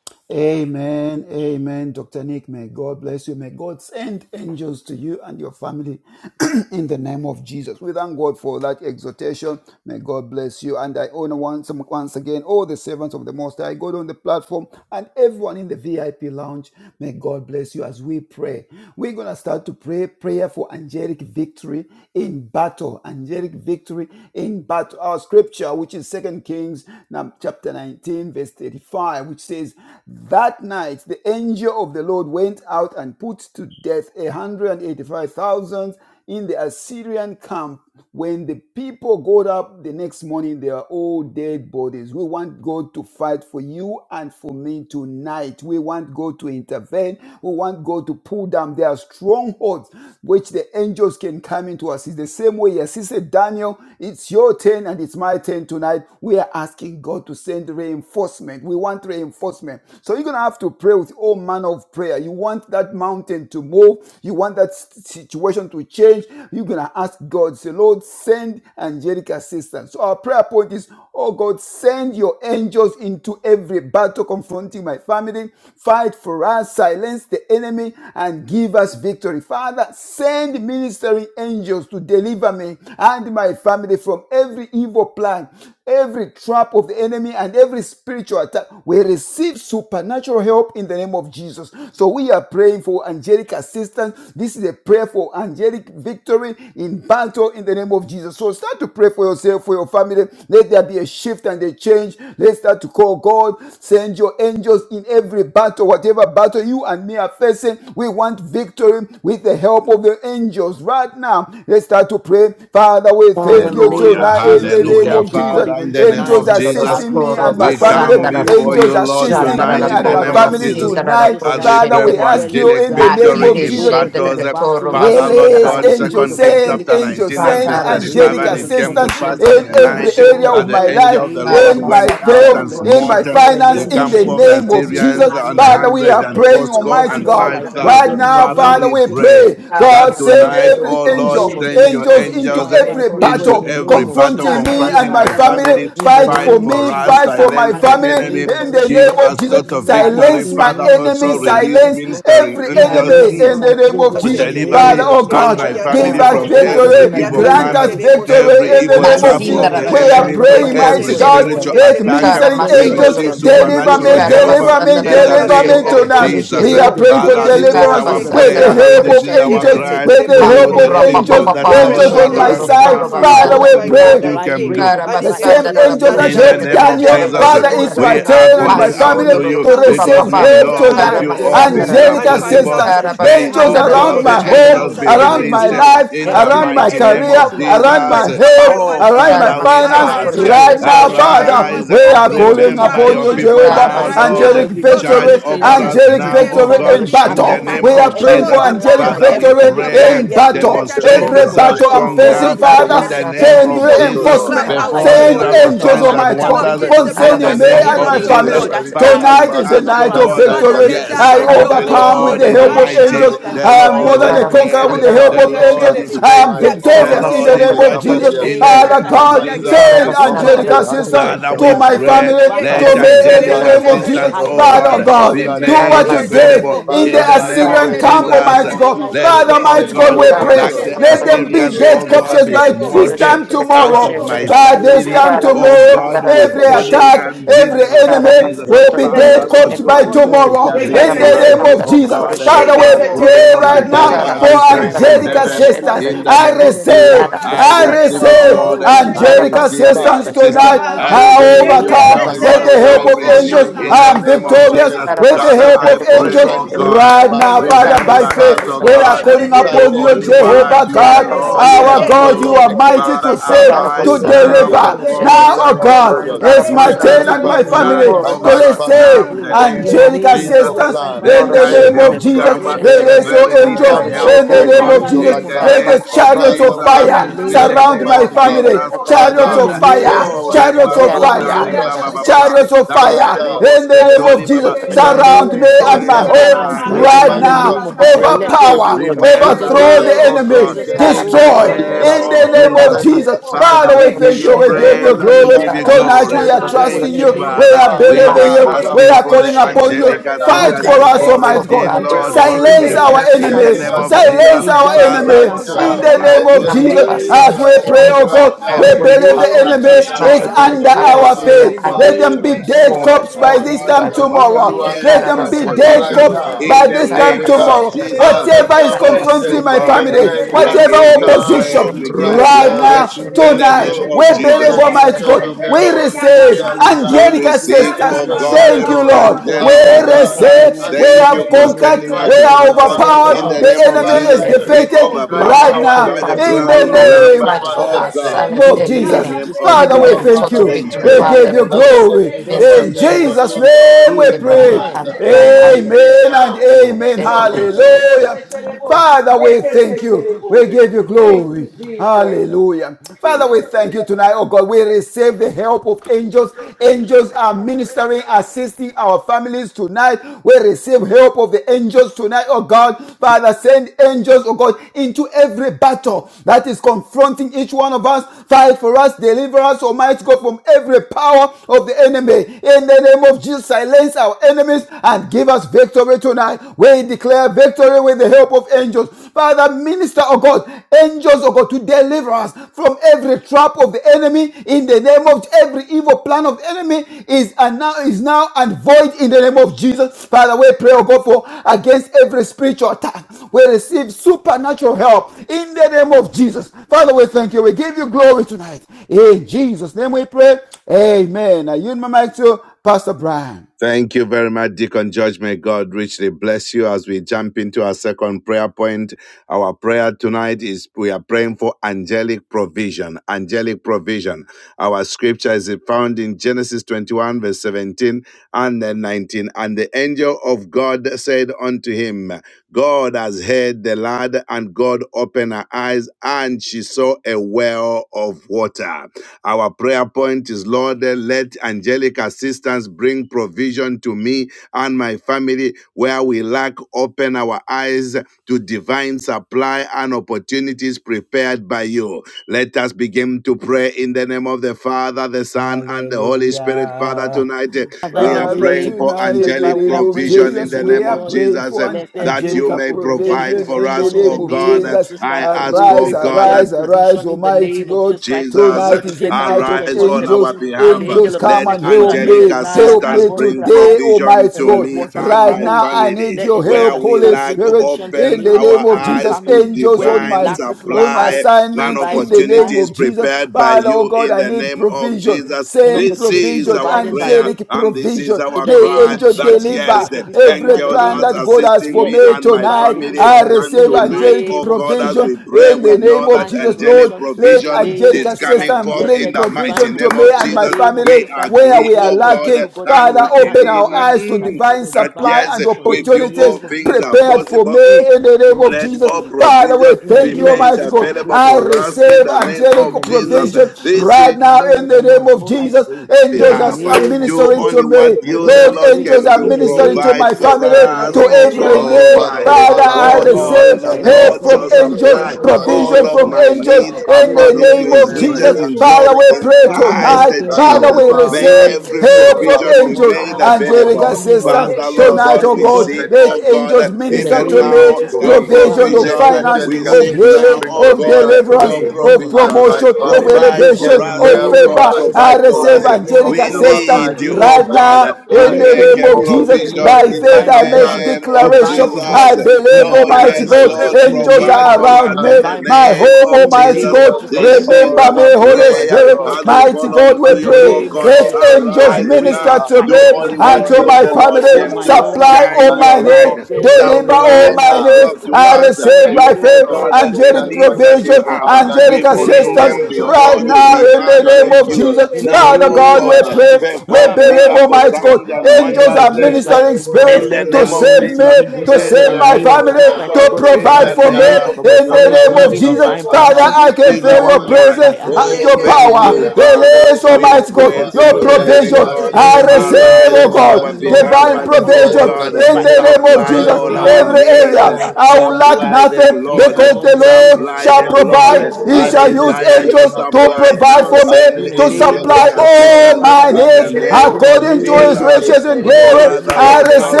Amen. Amen. Dr. Nick, may God bless you. May God send angels to you and your family in the name of Jesus. We thank God for that exhortation. May God bless you. And I honor once, once again all the servants of the Most High God on the platform and everyone in the VIP lounge. May God bless you as we pray. We're going to start to pray prayer for angelic victory in battle. Angelic victory in battle that uh, scripture, which is Second Kings now, chapter 19, verse 35, which says, That night the angel of the Lord went out and put to death 185,000 in the Assyrian camp. When the people got up the next morning, they are all dead bodies. We want God to fight for you and for me tonight. We want God to intervene. We want God to pull down their strongholds courts which the angels can come in to assist. The same way yes. he assisted Daniel, it's your turn and it's my turn tonight. We are asking God to send reinforcement. We want reinforcement. So you're going to have to pray with all manner of prayer. You want that mountain to move. You want that situation to change. You're going to ask God, say, Lord, send angelic assistance. So our prayer point is, oh God, send your angels into every battle conflict confronting my family. Fight for us, silence the enemy, and give us victory. Father, send ministering angels to deliver me and my family from every evil plan, every trap of the enemy, and every spiritual attack. We receive supernatural help in the name of Jesus. So we are praying for angelic assistance. This is a prayer for angelic victory in battle in the name of Jesus. So start to pray for your yourself, for your family. Let there be a shift and a change. Let's start to call God. Send your angels in every battle, whatever battle you and me are facing. We want victory with the help of the angels right now. Let's start to pray. Father, we
Father,
thank
in the
you
name
Hallelujah,
of
tonight in
Jesus,
the
we
name
hallelujah.
thank
of
you, God,
Jesus.
Father,
even
in the name
Angels
tonight
of
Sundarara
Jesus,
as
assisting
we
me
come
and
Koroba
to
my
we
call
family.
come
upon you,
Sandarara
before
God.
Angels
you, Lord,
We are
assisting me
tonight
Shandarara
in
praying
and
the
right
my
name
now
Koroba
in
of
the
family
Jesus.
name of
Sindarara
tonight.
Jesus
As
Christ,
we
Father,
pray
for
we
for
Koroshendere
ask
angelic
you
angelic
in
uh,
the name
victory
of
Makide
victory,
in
oh
Jesus.
God, in
battles,
the
Shenderere
eh,
battle, oh
Koroba
Father,
God,
Lord
Release
by
Sindarara
God,
the aid
angels,
Second
of
Kings
send
angelic
chapter
angels,
19
assistance
and
send
in
verse
the
Rakara
35,
angelic
and
name
shindra
it
of
de
came
koro
to
assistance
Jesus
pass
Christ.
at the
shindra
in
de
Oh
koro
every
my
midnight
God,
area
shindra
I
of
that
de
my
the
pray in the
life,
angel of the
name of
Kara
Lord
in
Jesus
my
went
Christ,
out
masatra
Father
de
and
health,
koro
Lord,
in my
smote eh,
in
shindra
the
de
finance,
the
name
koro
in
of
camp
the
of
shindra
Jesus
de
the
name of
Christ, oh God,
Syrians
Jesus.
in the
on a
name
Makara
Father,
of
we
Jesus
hundred
are
Christ.
and
shindra de
praying,
fourscore
koro
Yes,
Almighty
and
Lord,
God.
five
I
basindra de
pray,
Right
God,
koro
thousand.
in the
now,
shindra
Father,
de
name
Father,
of
we
we
Jesus
pray
Christ
pray,
Kara
that
God, send
tonight,
masondra
every
de
oh
koro
Lord,
name
angel,
of
shindra
send
de
Jesus.
your
Christ.
angels
koro
into
angels
shindra
eh,
Father, I
de
every
koro
pray, God,
into
in the
battle,
shindra
every
name of
battle
confronting
Jesus
Kara
Christ,
me
we have
and
confronting
my
my
masandra
prayed,
de
God,
koro
family.
family.
in the
Fight
shindra
Fight
for
name of
for
me,
us,
de
Jesus,
fight for
Kara
my
Oh,
silence the
Lord, in
masondra
the
family,
name
enemy.
de
of
in
koro
the
Jesus.
Give
shindra
name
us
of Jesus.
Father,
de
total
Lord, we
Kara
victory.
pray
Silence
in
my
the
masandra
Father,
name
de
of
enemy.
also
koro
Jesus.
shindra
release
Silence
Yes,
de
Lord,
ministering
every
in the
Inside of
angels.
my
enemy
name of
mm,
in
Jesus,
soul,
the
I
name
pray,
of
God, in the
Jesus.
Deliver
Yakaseterebo,
name
Father,
me
of
oh
Jesus
and
Christ.
sheterebo,
my
God, give
Father,
family
I
us
from
pray,
yakaseterebo,
God,
every
sin,
in
victory.
the
evil
Mm.
name
Grant
plan,
of
us
Jesus
yakaseterebo,
Christ,
victory
Lord,
every
God,
in the
sheterebo,
evil
name
in the
trap
of Jesus.
name
of
Masindara
of
the
da
We
yakaseterebo,
Jesus
are
enemy,
Christ,
shendoro
Father,
da
praying,
I
kor
pray,
mighty
every
God, in the
God.
yekeseterebo,
name
shendoro.
spiritual
of Jesus
Let
Christ.
attack.
sheterebo,
Ikara
ministering
Let
We
there be
angels
a
receive
masondoro.
yekeseterebo,
release, oh
deliver
bo
supernatural
me,
God,
Ikara
help
all the
deliver
sheterebo,
me,
basandara
in the
kor
angels, oh
deliver
name
me
God
of
shendere
yakaseterebo,
kor
tonight.
even to
Jesus.
We
bring
are
shendere.
sheterebo.
the
praying for
Father,
Yes,
this
victory
is
Ikara
Lord,
deliverance
our
in the
Yeke
with the
name
prayer
basandara da
of
kor
and
help
Seterebo,
Jesus
this is
of
Christ, to
our
Yeke
angels,
shendere.
give me
cry
the
with
yekeseterebo,
the
to you,
help
victory
the
of
Makura
in
pa
the
living
pa
yekeseterebo, yekesheterebo.
angels,
name
God,
pa
of
that
we
Jesus
pa
Christ,
pray
Lord,
in
angels
for
the
on my
jondoro
place
arise
angelic
da
of
side.
victory
now
koro
in
battle, oh
and
Father,
do
battles,
basanda.
God.
we
my
only
Mm.
what
God
pray
Father,
you
and
I
can
King.
pray
do.
for
Ikara
this
And it
the
right
came
now
same
to
in
basandara
the
da
pass
angels
kor
that
that
name
In
of
the
night
Jesus
helped
shendere.
name
Christ,
that
of
the
Ikara
my
Daniel,
angel of
Jesus,
Lord
the
Father,
and
Lord
my
it's
basindara
my
went
da.
we
God.
turn
I
are
out
pray,
and
God,
my
and
calling
in the
out
family
smote
to
in
name
Masondoro
the
of
da
you
to
Jesus
camp
Christ,
of
kura
the
even
pa
because
receive
for
we
this,
pa.
oh God.
Assyrians
help
a
know with
hundred
Ikara
tonight.
Let
you
there
all
be, O
fourscore
things
masandara.
are
Angelic
God,
and
in the
five
name
possible.
of
assistance,
thousand.
Ikara
Jesus Christ.
May,
angels
oh
basindara da
around
God,
Angels,
kor
O
the
my
God, in
shendere.
the
home,
name
angels
of
Mm.
be
185,000,
send
around
your
Almighty
my
released
Father.
life,
angels.
in the
Every
around
Assyrian
my
battle
mighty name
enemies,
career,
of
oh
confronting my
God,
around
family,
were
my
Jesus.
struck by
fight
health,
one
for
Oh
us this
around my
Ikara
angel.
Father,
enemy.
we
I
finance.
masandara
pray,
kor
Fight,
ask,
O
mighty
God.
Right
shendere kor
now,
God,
Silence the
shendere.
that
Father,
one
enemy
arise,
we
and
are
give
angel
us
calling
total
remember
struck,
upon
your
you,
victory.
Almighty
people
Ikara
Jehovah.
Father,
Father,
now,
I
right
basandara.
pray
Lord.
now.
for
Angelic
the
Those
release
who
of
have
Charge
victory,
ministry
risen
over
angels
us
against
angelic
to
now,
Eminem.
oh
victory
deliver
God,
in
me
Opian
and
in
my
the
Pian
Koroshendra
battle.
de
family
name
We
from
Lightshan,
are
of
praying
every
Koroshendra,
those
for
who
Jesus.
have
angelic
risen
plan,
Father, we
every
against
victory
evil
Nikam
pray.
plan.
in
Lenga,
Yes,
battle.
Lord,
Natasha
in the
Demonstrate
Every
Jehovah,
name of
Nerase
my
Jesus.
yourself
battle
Jessica,
I'm
Joshua,
strong
God,
every
now
facing,
those who
in
evil
have
the
in
risen
plan,
Father,
the
name of
name
Arabasandra,
against
every
Send
of
people
trap
Jesus,
of
oh
the
Jesus.
in
God.
enemy.
reinforcement.
Father,
Clubhouse,
I
oh
Perform
I
pray for
Send
God
pray,
Arabasandra,
miracles,
angelic
angels,
signs
assistance
Father.
and
Almighty
Koroshendra,
that
God,
brings
wonders
a
against the
Second Kings
in
concerning
the
prophets,
deliverance
me
chapter
the
name
in
Arabasandra,
and
the
19,
of
my
servants
verse
name
of
of Jesus
Jesus.
family.
God.
35.
Christ.
It
Koroshendra,
I
came
Father,
to
Tonight
we
receive
is
pass
the
ask, oh
night
Yakakakakaka.
supernatural
of
that
help,
Aramas-
God,
oh
night
Father,
God,
victory.
that the
even
let
yes,
that
tonight
I
angel
as I
of
angel,
the
the
oh
pray
Lord,
overcome
this
with
in
God,
Lord
Arabasandra,
the
the
is
help
night,
name
of
right
of
Koroshendra,
that
mighty,
angels.
Jesus
the
now
Christ.
the
angel
I
bring
Father,
of
am
I
the
more
Lord
pray,
down,
Lord
than
oh
a
is
God,
is
even
Almighty
conqueror
great,
right
with
God,
going
the
Saramasandra,
their
now in
help
the
out
the
of
Syrian
name of Jesus
Lord
and
Christ.
Koroshendra,
angels.
is
to
enemies.
I
Let
am
faithful,
smite,
there
oh
be, oh
the
God,
victorious
God,
in the
Lord
in
is
Yakaseterebo
name
the
Sarabasandra,
victory
of
camp
in
righteous.
of
the
the
Jesus.
sheterebo,
In
name
the
Koroshendra,
of
That
Assyrians,
Jesus
Father
name
have
Christ.
and
of
stood
That
God,
hundreds,
victory
against
send
Jesus,
us, oh
in
oh
the
my
angelic
God.
Sarabasandra,
God,
place of
hundred and
prayer.
assistance
Father,
oh
Koroshendra,
we
to
my
That
my
way
God
in
pray,
the
family,
and
let
to
battlefield,
me
in the
in the
angelic
Yekeseterebo
name
eighty-five
Sarabasandra,
of
name
Jesus
of
Christ,
thousand,
assistance,
Jesus.
Koroshendra,
oh
as
sheterebo.
oh
you
God.
God,
Father
release the
be
God,
Father,
do
angels,
let
Yekeseterebo
it
what
made
be
you
so.
Saramasandra,
angels
Sarabasandra,
did
in
available
the
sheterebo.
in the
in
Father,
name
the
of
I
name
Jesus
of
Assyrian
Christ,
pray
my
camp,
in
Yakaseterebo
the
Lord and
Jesus.
name
my
Almighty
of
God.
God,
sheterebo.
I
Let,
Jesus,
Father,
pray.
oh
Almighty
In
send
the
God,
God,
Lord,
your
we
name of
Yekeseterebo
pray.
like
Jesus,
angels
I
the
pray for
Let
this,
sheterebo.
oh
them
God,
into
be
even
Assyrians, oh
right
dead
Koroshendra,
every
God,
now.
corpses
be
battle,
by
In the
Yekeseterebo.
into
this
smote
name of
time
Koroshendere,
Jesus
every
Christ,
out
tomorrow.
Father,
Yekeseterebo.
of
battle,
koroshendere.
Lord,
my
I
into
By
pray,
every battle right
oh
this
God,
family,
even
time
for
Ikara
the
oh
victory, oh
tomorrow,
God.
God,
Yakakakakakaka.
masandara da
with
In the
every
God
name of
attack,
koroshendere.
and
Jesus
in
every
the
In
Christ,
the
name
Father,
of
name
I
enemy
Ikara
of
pray, oh
Jesus.
Jesus.
God.
will
In
be
masondoro
the
da
name
dead
Father,
of Jesus
Lord
Christ,
corpses by
God,
koroshendere.
for the
let
tomorrow.
victory.
there
In
be
the
Ikara
In
a
name of
the
Yekeseterebo.
mighty,
name
Jesus
of
basandara
Christ,
oh
da
Father,
Jesus.
I
God,
pray, oh
Father,
koroshendere.
we
God.
outpouring
pray
Yekeseterebo Father,
In
of
the
right now
angelic
Father,
name of
Ikara
shataraba.
for
I
Jesus Christ,
assistance
pray
our
I
in
basandara
the
from
pray
da
God
angelic
and my
name of
heaven.
God, I
assistance.
koroshendere.
In
Jesus.
pray.
the
I
name
the
In
of
the
Send
name
name
Jesus,
your
of
of
Ikara
receive,
Jesus
I
Yakaseterebo
I
Christ.
Jesus.
angels
receive
basandara
it,
Father,
sheterebo.
now,
I pray,
receive
Yakaseterebo.
Lord.
oh God,
Almighty
in the
Send
I
Ikara
the
God.
angelic
name of
receive
angels,
Jesus
your
basandara
assistance
da
Christ.
Almighty
Father,
assistance.
tonight.
Father, I
koroshendere.
I
I
pray,
Father.
oh God,
I
in the
receive
pray,
your
name
Ikara
of
help,
overcome
Jesus
mighty
with
Lord.
Christ. I
God,
the
pray,
basondoro
oh
I
help
Yekeseterebo.
oh
God,
of
da
in
God,
the
receive
koroshendere.
angels.
name
send
of
your
in
Jesus
I
the
am
name
angels
Father,
of
into
Jesus.
victorious
Yakakakakakakaka.
Ikara
Lord.
every
with the
Father,
battle,
help
basendere
I
of
da
In the
pray,
name
angels
of
oh
Jesus Christ.
Yekeseterebo.
koroshendere.
confronting
God.
right
my
Father,
now,
Lord,
family.
in the
Father,
Ikara
by
name
Remember
of
Yekeseterebo.
us,
Fight
basandara
faith.
Jesus
O
da
We
for
Christ,
are
us,
Father,
God.
I
calling
koroshendere.
pray, God.
Do
upon
Yekeseterebo.
silence
you,
In
only
the
the name
what
of
Jehovah
enemy
you,
Jesus
the
Ikara
God.
Christ,
and
I
Yekeseterebo.
Lord,
give
pray,
basandara
Our
da
God,
us
in
can
the
God, you
total
name
do.
are
of
koroshendere.
Jesus
victory.
Yekeseterebo
mighty
Christ.
Father,
to
Father,
Father,
I
Ikara
sheterebo.
save,
pray,
arise
to
also
God, in the
basandara
now,
da
release
name of
deliver.
perform
Jesus
Yakaseterebo
Christ.
Now, oh
Father,
ministering
I
miracles,
pray,
God,
sheterebo.
God.
signs,
angels
it's
and
my
Let
to
there
Charabasata,
turn
be,
wonders.
and
God,
deliver
my
in the
Yekeseterebo
me
name
Charge
family
of
poro
and
to
sheterebo.
Jesus
my
over us
Christ.
family
Basata,
Father, I
now in
receive
the
pray.
from
name
In the
Yakaseterebo
of
angelic
every
name of
Jesus.
evil
sheterebo.
Jesus
assistance
Christ,
plan,
Father,
Let
in
I
poro
the
that
pray,
name
God,
every
help
of
Shelter,
in the
trap
Jesus.
poro
come,
Yeke
of
name of
the
se
Jesus
Shelter,
the
Release
Christ.
enemy,
very
terebo
your
se
needed
angels
poro
and
Father,
help,
I
in
terebo,
pray,
every
the
oh
name
God,
God,
in
of
the
yaka
spiritual
se
name
in
of
the
Jesus.
attack.
Let
Jesus.
terebo
the
name
se
Ikarabasata,
of
chariots
Okorobasata,
Father,
of
terebo,
we
In
Jesus
the
fire
Oroshetere,
in
name
the
appreciate
of
surround
name
Jesus.
my
of
Almighty God.
family.
Jesus, oh
Oroshetere,
Chariots
Father,
In
God.
the
of
yaka se
appreciate
name
Oroshetere,
fire,
of
Oh,
Jesus
Almighty
chariots
Christ, oh
of
God
God, in the
Rebasotari
name
fire,
Ikarabasata,
right
of
Oroshetere,
Baba
now
Ikarabasata,
ch-
Baba
Jesus
in the
Christ.
Baba.
chariots
name.
chariots
Yekesetelebo
Oroshetere,
of fire
setelebo,
Dandali
Father,
yakasetelebo setelebo, yakasetelebo setelebo,
in
in
the
the
name
name
Ikarabasata,
of
of
Bostetori Baba.
Jesus.
Jesus,
In
yakasetelebo
the
setelebo, yakasetelebo setelebo, yakasetelebo
every
Father,
Surround
name
we
me
of
setelebo,
spiritual
and
Jesus
pray
my
Christ,
attack.
Oroshetere, poro
Father, I
home
tonight.
pray
Ikarabasata,
oh
Re-
God,
right
in
Mighty
the
Mm.
God,
now.
name of Jesus
we
Christ,
Oroshetere,
let there
receive
yakakakakakakakakaka.
be a
Overpower,
God.
Right now,
In the
Remember
Oroshetere,
supernatural
overthrow
us,
the
name
help
of
O
angelic
enemy,
God,
in
Jesus
the
Christ,
Cara
in
name
oh
the
of
destroy
masondoro,
name
Jesus.
in
of
the
Lord.
name
Jesus.
of
cara
Angelic
Jesus.
masondoro
Father,
Father,
assistance,
we
we
por
give
thank
you
you. We
Yes,
angelic
scendere,
give
Lord, in
you
praise
the
and we
i
glory.
name of
give
assistance,
you
cara
Tonight
glory.
we are
angelic
masondoro
pray, oh God,
por
Thank
in
trusting
the
you,
you.
assistance.
name
We
of
scendere,
Father.
Jesus
are
Christ,
We
let
Father,
there
we
believing
are
be,
you.
oh
call
God,
We
asking
masondoro
upon
are
for
por
you
the
calling upon you.
right
scendere,
angelic
now in
ma
the
Fight
assistance.
name
for
cara
angelic
of
us,
per
Pour it
Almighty
assistance
Jesus.
for
in,
God.
We
soldato
victory.
Lord,
for
pour it
receive
Silence
in.
victory,
Angelic
our
i cara
In
assistance
the
enemy.
for
angelic
name of
masondoro,
victory.
Jesus,
Silence
assistance
our
i
Angelic
cara
Father,
enemy.
right
assistance
Lord
for
now.
God,
In
masondoro
the
victory.
has
rise
name
In
of
on
the
come
Angelic
to
our
Jesus,
pass to
name
behalf,
as
me,
of
we
the
pray,
assistance
Jesus.
oh
angels of
overcome
Ah,
right
God,
the
we
Lord
in
now.
the
every
went
believe the
out,
name
Right
of
now,
Jesus
enemy
Marakatara
Christ,
is
Father,
smarter
opposition.
Father,
than
I
the
under
pray,
cup
oh
of
our
God.
Prokotoraba.
Every
Syria
feet.
In the
Let
hundreds
Father,
them
name
opposition.
be
of
thank
thank you
you
dead
for
Jesus
for
for
Help,
Christ,
corpse
sending
sending
Father,
oh
by
Lord
I
your
and
this
God,
time
pray.
your
Father.
angels
angels
In the
to
overcome
to
tomorrow.
I
name of
Let
assist
cara
Jesus
assist
them
us
every
us
Christ,
be
oh God,
masondoro,
I
dead
right
right
opposition
pray, oh
corpse
God,
now
in
now
in
the
by
i
the
to
to
this
name
be
be
of
cara
time
name
with
with
of
Jesus.
us.
tomorrow.
us.
Jesus.
In
Father,
Father,
the
we
Whatever
we
is
Thank
appreciate
appreciate
you,
confronting my
masondoro,
family,
Father.
angelic
angelic
We
whatever
Karabasa.
give you
assistance
assistance
opposition,
praise.
Return
We
to
give
right
you
pass
right
the
right
now.
now.
glory
now,
direction, the
in
Thank
the
Thank
tonight,
name
restoration,
you
you
of
we
of the
for
for
Jesus.
believe
the
the
recompense
Almighty
of
angels
angels
God.
of
of
God,
the
the
we
Lord.
Lord.
They
receive
They
are
are
with
with
We
us.
angelic
us
The
receive,
assisting
assistance.
oh
angels of
God,
Karabasa.
the
Thank you,
Lord
Lord.
Where we
We
are
angelic
send
with
the
us,
assistance.
receive,
angels,
we
Thank
mm,
have
you
assisting
for
us,
us,
conquered,
sending
name
us
we
of
fighting
send,
fighting
are
on
on
Jesus,
our
our
assistance
God, I
send your
pray,
in
overpowered,
oh
behalf,
the
behalf.
God,
angels
the
name
in
of
the
enemy
into
is
Jesus.
name of
Father,
every
We
fighting,
Jesus, God.
defeated
confronting
confronting
Father,
overpower
right
battle
our
I
our
pray,
for
now.
oh
by the
God, in
enemies,
enemies,
fighting
the
In
blood
my
of the
name of
family.
the
enemies
enemies
Lamb,
name
of
Jesus,
of
Fight
God.
our
our
for
oh
us,
Father,
destiny.
God,
name
silence
in
of
Mm.
the
every
in the
name
Jesus.
of
enemy.
name
Jesus,
destiny.
I
of
Give
Father,
pray, oh
we
Our
Oh,
God,
them
Jesus.
even
thank
Father,
for
Father,
total
we
we
this, oh
Thank
you.
victory,
God,
you,
pray
in
We
the
pray
Lord.
that
that
give
name
Father.
you
of Jesus,
the
Release
God.
the
glory.
enemies
enemies of
of
Thank
our
you,
our
minister
In
angels
Lord.
destiny,
Jesus'
destiny, O
to
name
oh
God,
we
deliver
God,
me
pray.
Father,
Amen,
and
Master,
my
Amen.
we
family.
bring
even
Amen and
now,
down.
Lord.
amen.
Every
Lord,
Thank you,
instance.
Lord.
Hallelujah. Father, we thank you. We
Lord,
give you
Thank
glory.
you, Jesus.
Hallelujah. Father, we thank you tonight, oh God. We receive the help of angels. Angels are ministering, assisting our families tonight tonight. We receive help of the angels tonight, oh God. Father, send angels, oh God, into every battle that is confronting each one of us. Fight for us, deliver us, Almighty God, from every power of the enemy. In the name of Jesus, silence our enemies and give us victory tonight. We declare victory with the help of angels. Father, minister, oh God, angels, oh God, today Deliver us from every trap of the enemy in the name of every evil plan of the enemy is and now is now and void in the name of Jesus. Father, we pray, oh God, for against every spiritual attack. We receive supernatural help in the name of Jesus. Father, we thank you. We give you glory tonight. In Jesus' name we pray. Amen. I yield my mic to Pastor Brian.
Thank you very much, Deacon George. May God richly bless you as we jump into our second prayer point. Our prayer tonight is we are praying for angelic provision. Angelic provision. Our scripture is found in Genesis 21, verse 17 and then 19. And the angel of God said unto him, God has heard the lad, and God opened her eyes, and she saw a well of water. Our prayer point is, Lord, let angelic assistance bring provision to me and my family where we lack. Open our eyes to divine supply and opportunities prepared by you. Let us begin to pray in the name of the Father, the Son, and the Holy Spirit. Father,
Hallelujah.
tonight eh,
Father, in
we
the
are
Father,
praying
name of
for
tonight
Jesus
in the
angelic
Christ, we
name
are
of
praying
provision
this
in
Jesus,
the
evening, oh
we
name
are
of
God.
praying
Jesus.
for
eh,
an
Let there be,
that
oh
you
angelical
God,
may
for angelic
provide
provision
for
in the
us,
provision in the
name
O
of
God.
name of
Jesus.
Jesus
I
Christ.
ask,
We
O
Arise,
pray for
God, that
arise,
angelic
arise,
provision in the
Almighty
name of
God.
Jesus Christ. Your
Jesus,
word
Tonight is a
declares
night
Genesis
of
arise
21
on
angels.
our
seventeen. And
behalf.
the
Angels,
angel of the Lord
come
Let
said
and
to God
help
at the end
angelic
of
me.
the last,
Help
I
assistance
me
got
bring
the
today,
eyes,
provision
Almighty
the
to
well
God.
of
me
water. So,
and
Right
Father,
my
we
now,
pray,
I
family.
need
let
your
angelic
Where
help,
we
Holy
assistance bring
lack,
Spirit,
provision to
open
in the
me
name
our
of
and my
eyes
Jesus.
to
family
Angels
where
on
we
divine
my
lack. Open our
on my
supply
eyes to
and
assignment
divine
in the
supply
name
opportunities
of Jesus.
prepared by
Father, oh
you
God,
in
I
the
need
name of
provision
Jesus.
Say.
and
Send
Receive
opportunities
is
provision,
our
provided by
prayer
you
angelic
and this is
provision.
In
our
the
May
name
cry
of
angel
that
Jesus, we pray
yes,
deliver
for this right
every
now. In the
angels
plan
name
are
of
that
Jesus,
God has
assisting
for
let
me
me
there
and
be
my
divine
tonight.
family.
I
provision. In the,
And
in
receive
the
tonight,
angelic
name
oh
of
God,
Jesus,
as
provision
we pray,
let
in the
we
there be
know
name
that
of
divine
Jesus,
angelic
Lord.
provision. In
Let
the
provision
name
angelic
of
is
Jesus,
coming
assistance
forth
let
bring
there
in
be
the
divine
mighty
provision to
name
me
of
provision. In
and
the
my
Jesus.
name of
family
We
Jesus,
where
we
we
agree,
are
pray
oh
for
God,
this,
lacking.
oh God,
and
even
Father,
we
right now.
open
In the
believe
our
that,
name
eyes
of
to
Jesus,
mm,
divine
for
that
divine
supply
yes,
and
provision. In
with
the
you
name
opportunities
all
of Jesus,
things are
prepared for
possible.
me
Mm.
in the name
Lord,
of
Let
we pray
all
Jesus.
with you.
Father, we
provision
In the
be
thank you,
name of
made
Almighty
Jesus,
God.
I pray
available
for
I
for us
divine
in
receive
the
provision.
name
angelic
In
of
the
Jesus.
name
provision
of Jesus
This
right
is
Christ, my
now in
Lord
the
and my
name of
God, I
Jesus.
pray. In
Angels
the
are
behalf.
name of
Do
ministering
Jesus,
to
only what
me.
my
you,
Lord,
the
I
Lord,
Lord,
pray.
angels
can
are
do.
In the
ministering
name
to
of
my
Provide
Jesus
for
family,
Christ, in the
us,
name
to
of
oh
every
Jesus,
God,
Oh,
Christ,
need.
I
Father,
provide.
we
pray.
Father,
call
In
I
the
For
upon you
name of
all
right
receive
Jesus
now
the
in
Christ,
the
in this
name
help
Lord
of
season
from
shall
of the
Jesus
left
angels,
Christ,
there,
supply
the
dear
Son of
God,
the
in
all
provision
the
of
from
name
living
of
my
God.
Jesus
angels
Christ.
needs
Our
in
Oh
the
Father,
according
we
to
Lord,
name
Lord,
his
of
in
pray
the
right
Jesus.
riches
name
now
of
in
in the
Jesus
Father,
name
glory
we
of
in
Christ.
pray
Father,
Jesus
Christ
let
tonight.
there
that
be a
Father,
our
God
Jesus.
we
in the
May
receive
Father,
name of
every
we
Jesus
call
help
Christ.
from
provision
Yes,
upon
be
my
angels,
you,
made
Father,
angelic
in
Almighty
available.
the
God.
name
assistance
of
Father, Lord
Lord,
Jesus
tonight,
God,
let
Christ,
oh
oh
we
God.
God.
seek,
angelic
Let
oh God,
angels
assistance
In
bring
the
even
minister
even
to
name
me
of
provision
now
mercy,
to
Jesus,
your
me.
Father,
provision of
let
Let
provision.
me get
finance,
in the
angelic
We
name
of
seek
of
assistance
healing,
now,
bring
Jesus.
oh
of
God,
provision to
Lord, in
deliverance,
your
the
me
name
of
of
and
provision.
Jesus Christ.
promotion,
my
of
Father, I
family.
Yes,
pray,
Provide
God,
for
in
Yes,
elevation,
the
us,
of
where
oh
we
name of
God,
favor.
Jesus
I
provide
Christ.
lack.
for
receive
us.
Father,
Open,
Lord,
angelic
I
open
We
pray,
our
God, in
assistance
need
the
eyes
you,
to
name
oh
right
of
divine
God,
Jesus Christ.
now in
supply,
to
the
Let there
make
name
be,
a
of
oh God, in the
opportunity,
Jesus.
name
uh,
provision
of
By
in
divine
the
faith,
divine
I
supply,
make
provision,
name of
and
divine
declaration.
Jesus.
I
provision,
opportunities
in
believe,
the
Oh,
divine
prepared
Almighty
yes,
by
God,
provision,
you.
Lord,
in the
angels
provide
name
are
of
Oh,
for
Jesus
us
Christ,
around me.
in
Father,
the
we
divine
My
pray.
name
provision,
home,
of
in the
The
Almighty
Jesus.
name of
angels
Jesus
God,
of
Christ.
This
Let there be
is
remember
God,
me,
our
divine
Holy
provision
prayer
for
Almighty
Spirit.
God,
as
angelic
we
Mighty
call
said
assistance,
God,
on to
we
in the
you,
unto
pray.
O
him,
name of
God.
Let
God
Jesus Christ.
has
angels
I
Arise
heard
pray
the
for
minister
now.
this
to
land,
right
me
Do
now, in
and
the
only what
and
God
name
to
of
has
you,
my
Jesus
the
Christ.
family.
Lord,
opened
Oh,
her
can
my
do.
eyes,
Lord
Yes,
and
Supply
my
Shine
all
God,
and
I
your
my
she
that's
pray,
why
saw
let
light.
you
needs
a
there be
well
in
Deliver
the
of
Supply,
all
name of
my
water.
O
Jesus. Christ.
God,
needs.
to
Oh,
I
us.
Lord
Father,
God,
receive
let
give
I
by
You,
it
pray,
be
O
God,
faith
even
so.
God,
to
the
listen
angelic
Just
in the name
what
needs
of
you
that
Jesus.
did
Christ.
we
provision,
them
for
all
have.
Father,
hunger,
I
angelic
We
do
pray in the
bring
also
assistance
name
for
them
of
me, O
Jesus,
before
like
right
God.
let
you.
there
now
be
We
in
Send
ask
the
time
your
to
name
of
this
of
angels
one
you.
Jesus.
in the
for
Now,
Father
the
O
God,
name
we
of
God,
pray.
Jesus.
We
supply,
perform
Ah,
believe,
miracles,
Almighty
supply,
God,
signs, and
supply.
in the
angels
name
wonders.
of
are
Let
Mm.
Jesus Christ.
your
ministering
angels
Father,
spirits
In
angels
the
Lord, in
to
the
name
are
of
name
the
of
save
seen
let
me,
it
Jesus,
be this,
to
oh
Yes,
send
night, now, right now, not
God,
save
in the
them
my
multiplied
name of
forth,
Jesus
O
family,
now,
Christ,
to
oh
God,
God,
by
in
even
provide
might,
the
right
for
for
me
name
me
now,
not
and
of
for my
in the
not
family,
by
name
might,
of
bringing
not
by
by
Jesus.
divine
Father,
power,
power,
provision.
I
this
There
can
but
but
be
is
by
by
feel
no
our
your
the
the
lack
cry.
Holy
Holy
by
presence
Spirit. My
our
Father,
and
I believe
yes,
Spirit.
Oh,
your
you
Lord, in
My
the
thank
power.
name
you,
of
Father, I
Jesus.
Father.
Release,
believe
Father,
We
I
you
Almighty
pray for
pray
for
for
God,
to
this, oh
your
God,
you, the
angelic
even right
angelic
living
provision.
now,
God.
in
I
assist,
the name
assistance
of
receive,
Arise
oh
and
Jesus
angelic
on
Christ.
our
God,
assist,
Lord
behalf,
God,
divine
I
and
call
oh
upon
provision,
angelic
you for
God,
this
in
right
the
assist
angelic
name
now,
intercession
of
supply
in
right
the
right
Jesus.
all our
name
now.
now.
Every
of Jesus
area
needs.
Christ.
Oh,
Oh,
I will
Father,
lack
thank
Supply
you.
them,
nothing
Yes,
And
Lord.
I
because
Lord,
the
in
believe
the name
you,
of
the
Lord
Jesus
Supply
shall
King
Christ.
them,
of
Lord.
Kings.
provide.
Yes,
He
in
I
We
the
shall
name
use
believe
of
you,
desire
the
Jesus.
your
angels
King of
to
supply.
Glory.
provide
Now
for
Lord,
me
I
send
in the
believe
to
you,
name
the
of
angelic
supply
Lord of
Jesus Christ,
Lords.
and
all
assistance
Father,
my
I
I
in the
needs
pray.
believe you,
name
In
the
the
of
according to
Ancient
his
of
name of
Jesus,
riches
Days.
Jesus
in
Christ, let
That
glory.
there
the
God,
be, O
the
God,
I
time
Lord
is
divine
God,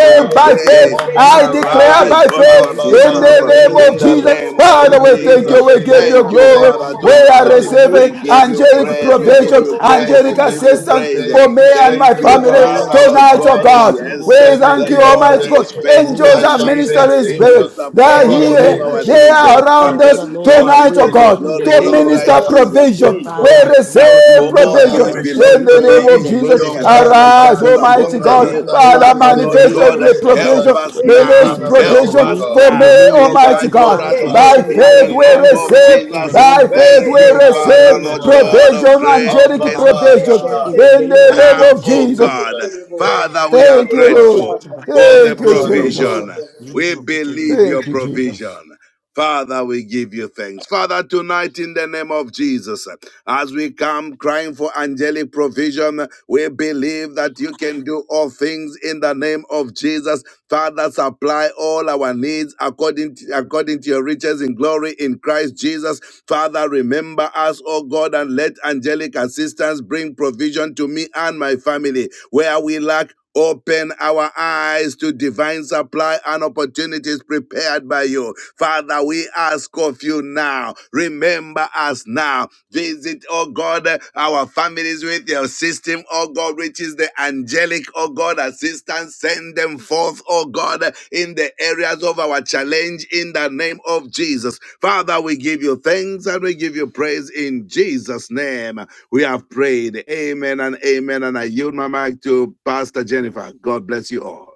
we
now.
by
O
The
faith.
God,
pray,
moment
even
I
is
as I
declare
now.
arise
by
pray,
on
even
our
faith
Abba,
this
in
evening,
behalf
the
Father,
in the
name
thank
name
in
of
of
the
you.
Jesus.
Jesus.
name of
In
Father,
the
Thank
we
you,
name
thank
King
of
of
Jesus.
you. We
Jesus
give
Kings.
Christ,
you
Thank
Father,
you,
I pray,
glory.
Thank you,
Father,
O
We
King
God.
of
are
tonight.
In
Glory.
the name
receiving
We
of
give
Thank
Jesus,
you,
you
Lord
angelic
Christ,
of
praise,
even
we
Lords.
for
give
provision,
this,
you
I
praise,
Thank
angelic
you,
we
receive
give
my
you
Ancient
own
assistance
of
praise.
angelic
Days.
for me and
provision.
Thank
Thank
my
you,
In
the
you,
family
the
Alpha
name of
Father,
and the
Lord
Jesus
tonight,
Christ,
oh
I
God.
Omega,
God.
receive, O
We
Yes,
God,
the
in the
thank
the
name
you,
of
beginning
Jesus
and
Lord
Almighty
Christ,
the
is
end.
God.
in the
faithful
name
Angels
of
That
are
you have
indeed.
Jesus
sent
ministering
Christ.
He will
angels
spirits They
supply
are
to
In the
all
name
assist,
of
here.
of our
They
Jesus.
needs
to
are around
assist,
us
Father,
according to
Lord,
to
his
I
tonight,
pray,
oh
riches
assist.
God,
in
in
God,
the
glory
to
in
name
Lord,
of
minister
Christ
I
Jesus.
Jesus.
provision.
appreciate
Mm.
you,
We
Father, I
Almighty
pray,
Ah,
God.
God, in the
receive
For
name
all
of
I
Jesus, I
provision
things
receive
appreciate,
in
belong
the
oh
to
this
God,
name
him,
in
of
the name
Jesus.
including
your
of
a
mighty
Jesus.
thousand
Arise,
hand.
cattle
Yes,
upon
Almighty
Lord
the
God.
God,
Father,
hill.
I pray
thank you
Father,
God,
in
Father,
in
the
the
Lord
name
manifest
of
name of
God,
every
Jesus,
Jesus
even for
help
provision.
Christ,
this, oh
us
God.
the
Release
It
now.
Son of
is
the
just for
Help
provision
living
us
me.
God.
for
In
me,
the
now.
name of
Be
Jesus, like
thou
Almighty
Provide for
God.
divine
us now.
glorified,
By
provision
In
by
the
faith
your
be
we
name
thou
hand, oh
of
God.
receive,
In
exalted,
the
O
Jesus.
name
by
God,
of God, I
faith
Thank
we
be
receive
you,
my,
thou
in the
Father,
name
lifted
of
receive
Lord
on
Jesus,
God
high.
of
provision,
Lord.
grace.
Abba,
angelic
Divine provision
provision.
Father,
in the
In
name of
thank
the name
Now,
you,
of
Jesus.
King
oh
Jesus.
Jesus.
God.
Thank you,
Father, we
King
are
of
Thank you,
glory.
Lord.
grateful for
Thank
the
Thank
you,
Thank
you,
you.
Lord of
Jesus.
Lords.
provision. We believe your
Thank you, Jesus.
provision. Father, we give you thanks. Father, tonight in the name of Jesus, as we come crying for angelic provision, we believe that you can do all things in the name of Jesus. Father, supply all our needs according to, according to your riches in glory in Christ Jesus. Father, remember us, O God, and let angelic assistance bring provision to me and my family where we lack. Open our eyes to divine supply and opportunities prepared by you. Father, we ask of you now. Remember us now. Visit, oh God, our families with your system, oh God, which is the angelic, oh God, assistance. Send them forth, oh God, in the areas of our challenge in the name of Jesus. Father, we give you thanks and we give you praise in Jesus' name. We have prayed. Amen and amen. And I yield my mic to Pastor Jennifer. God bless you all.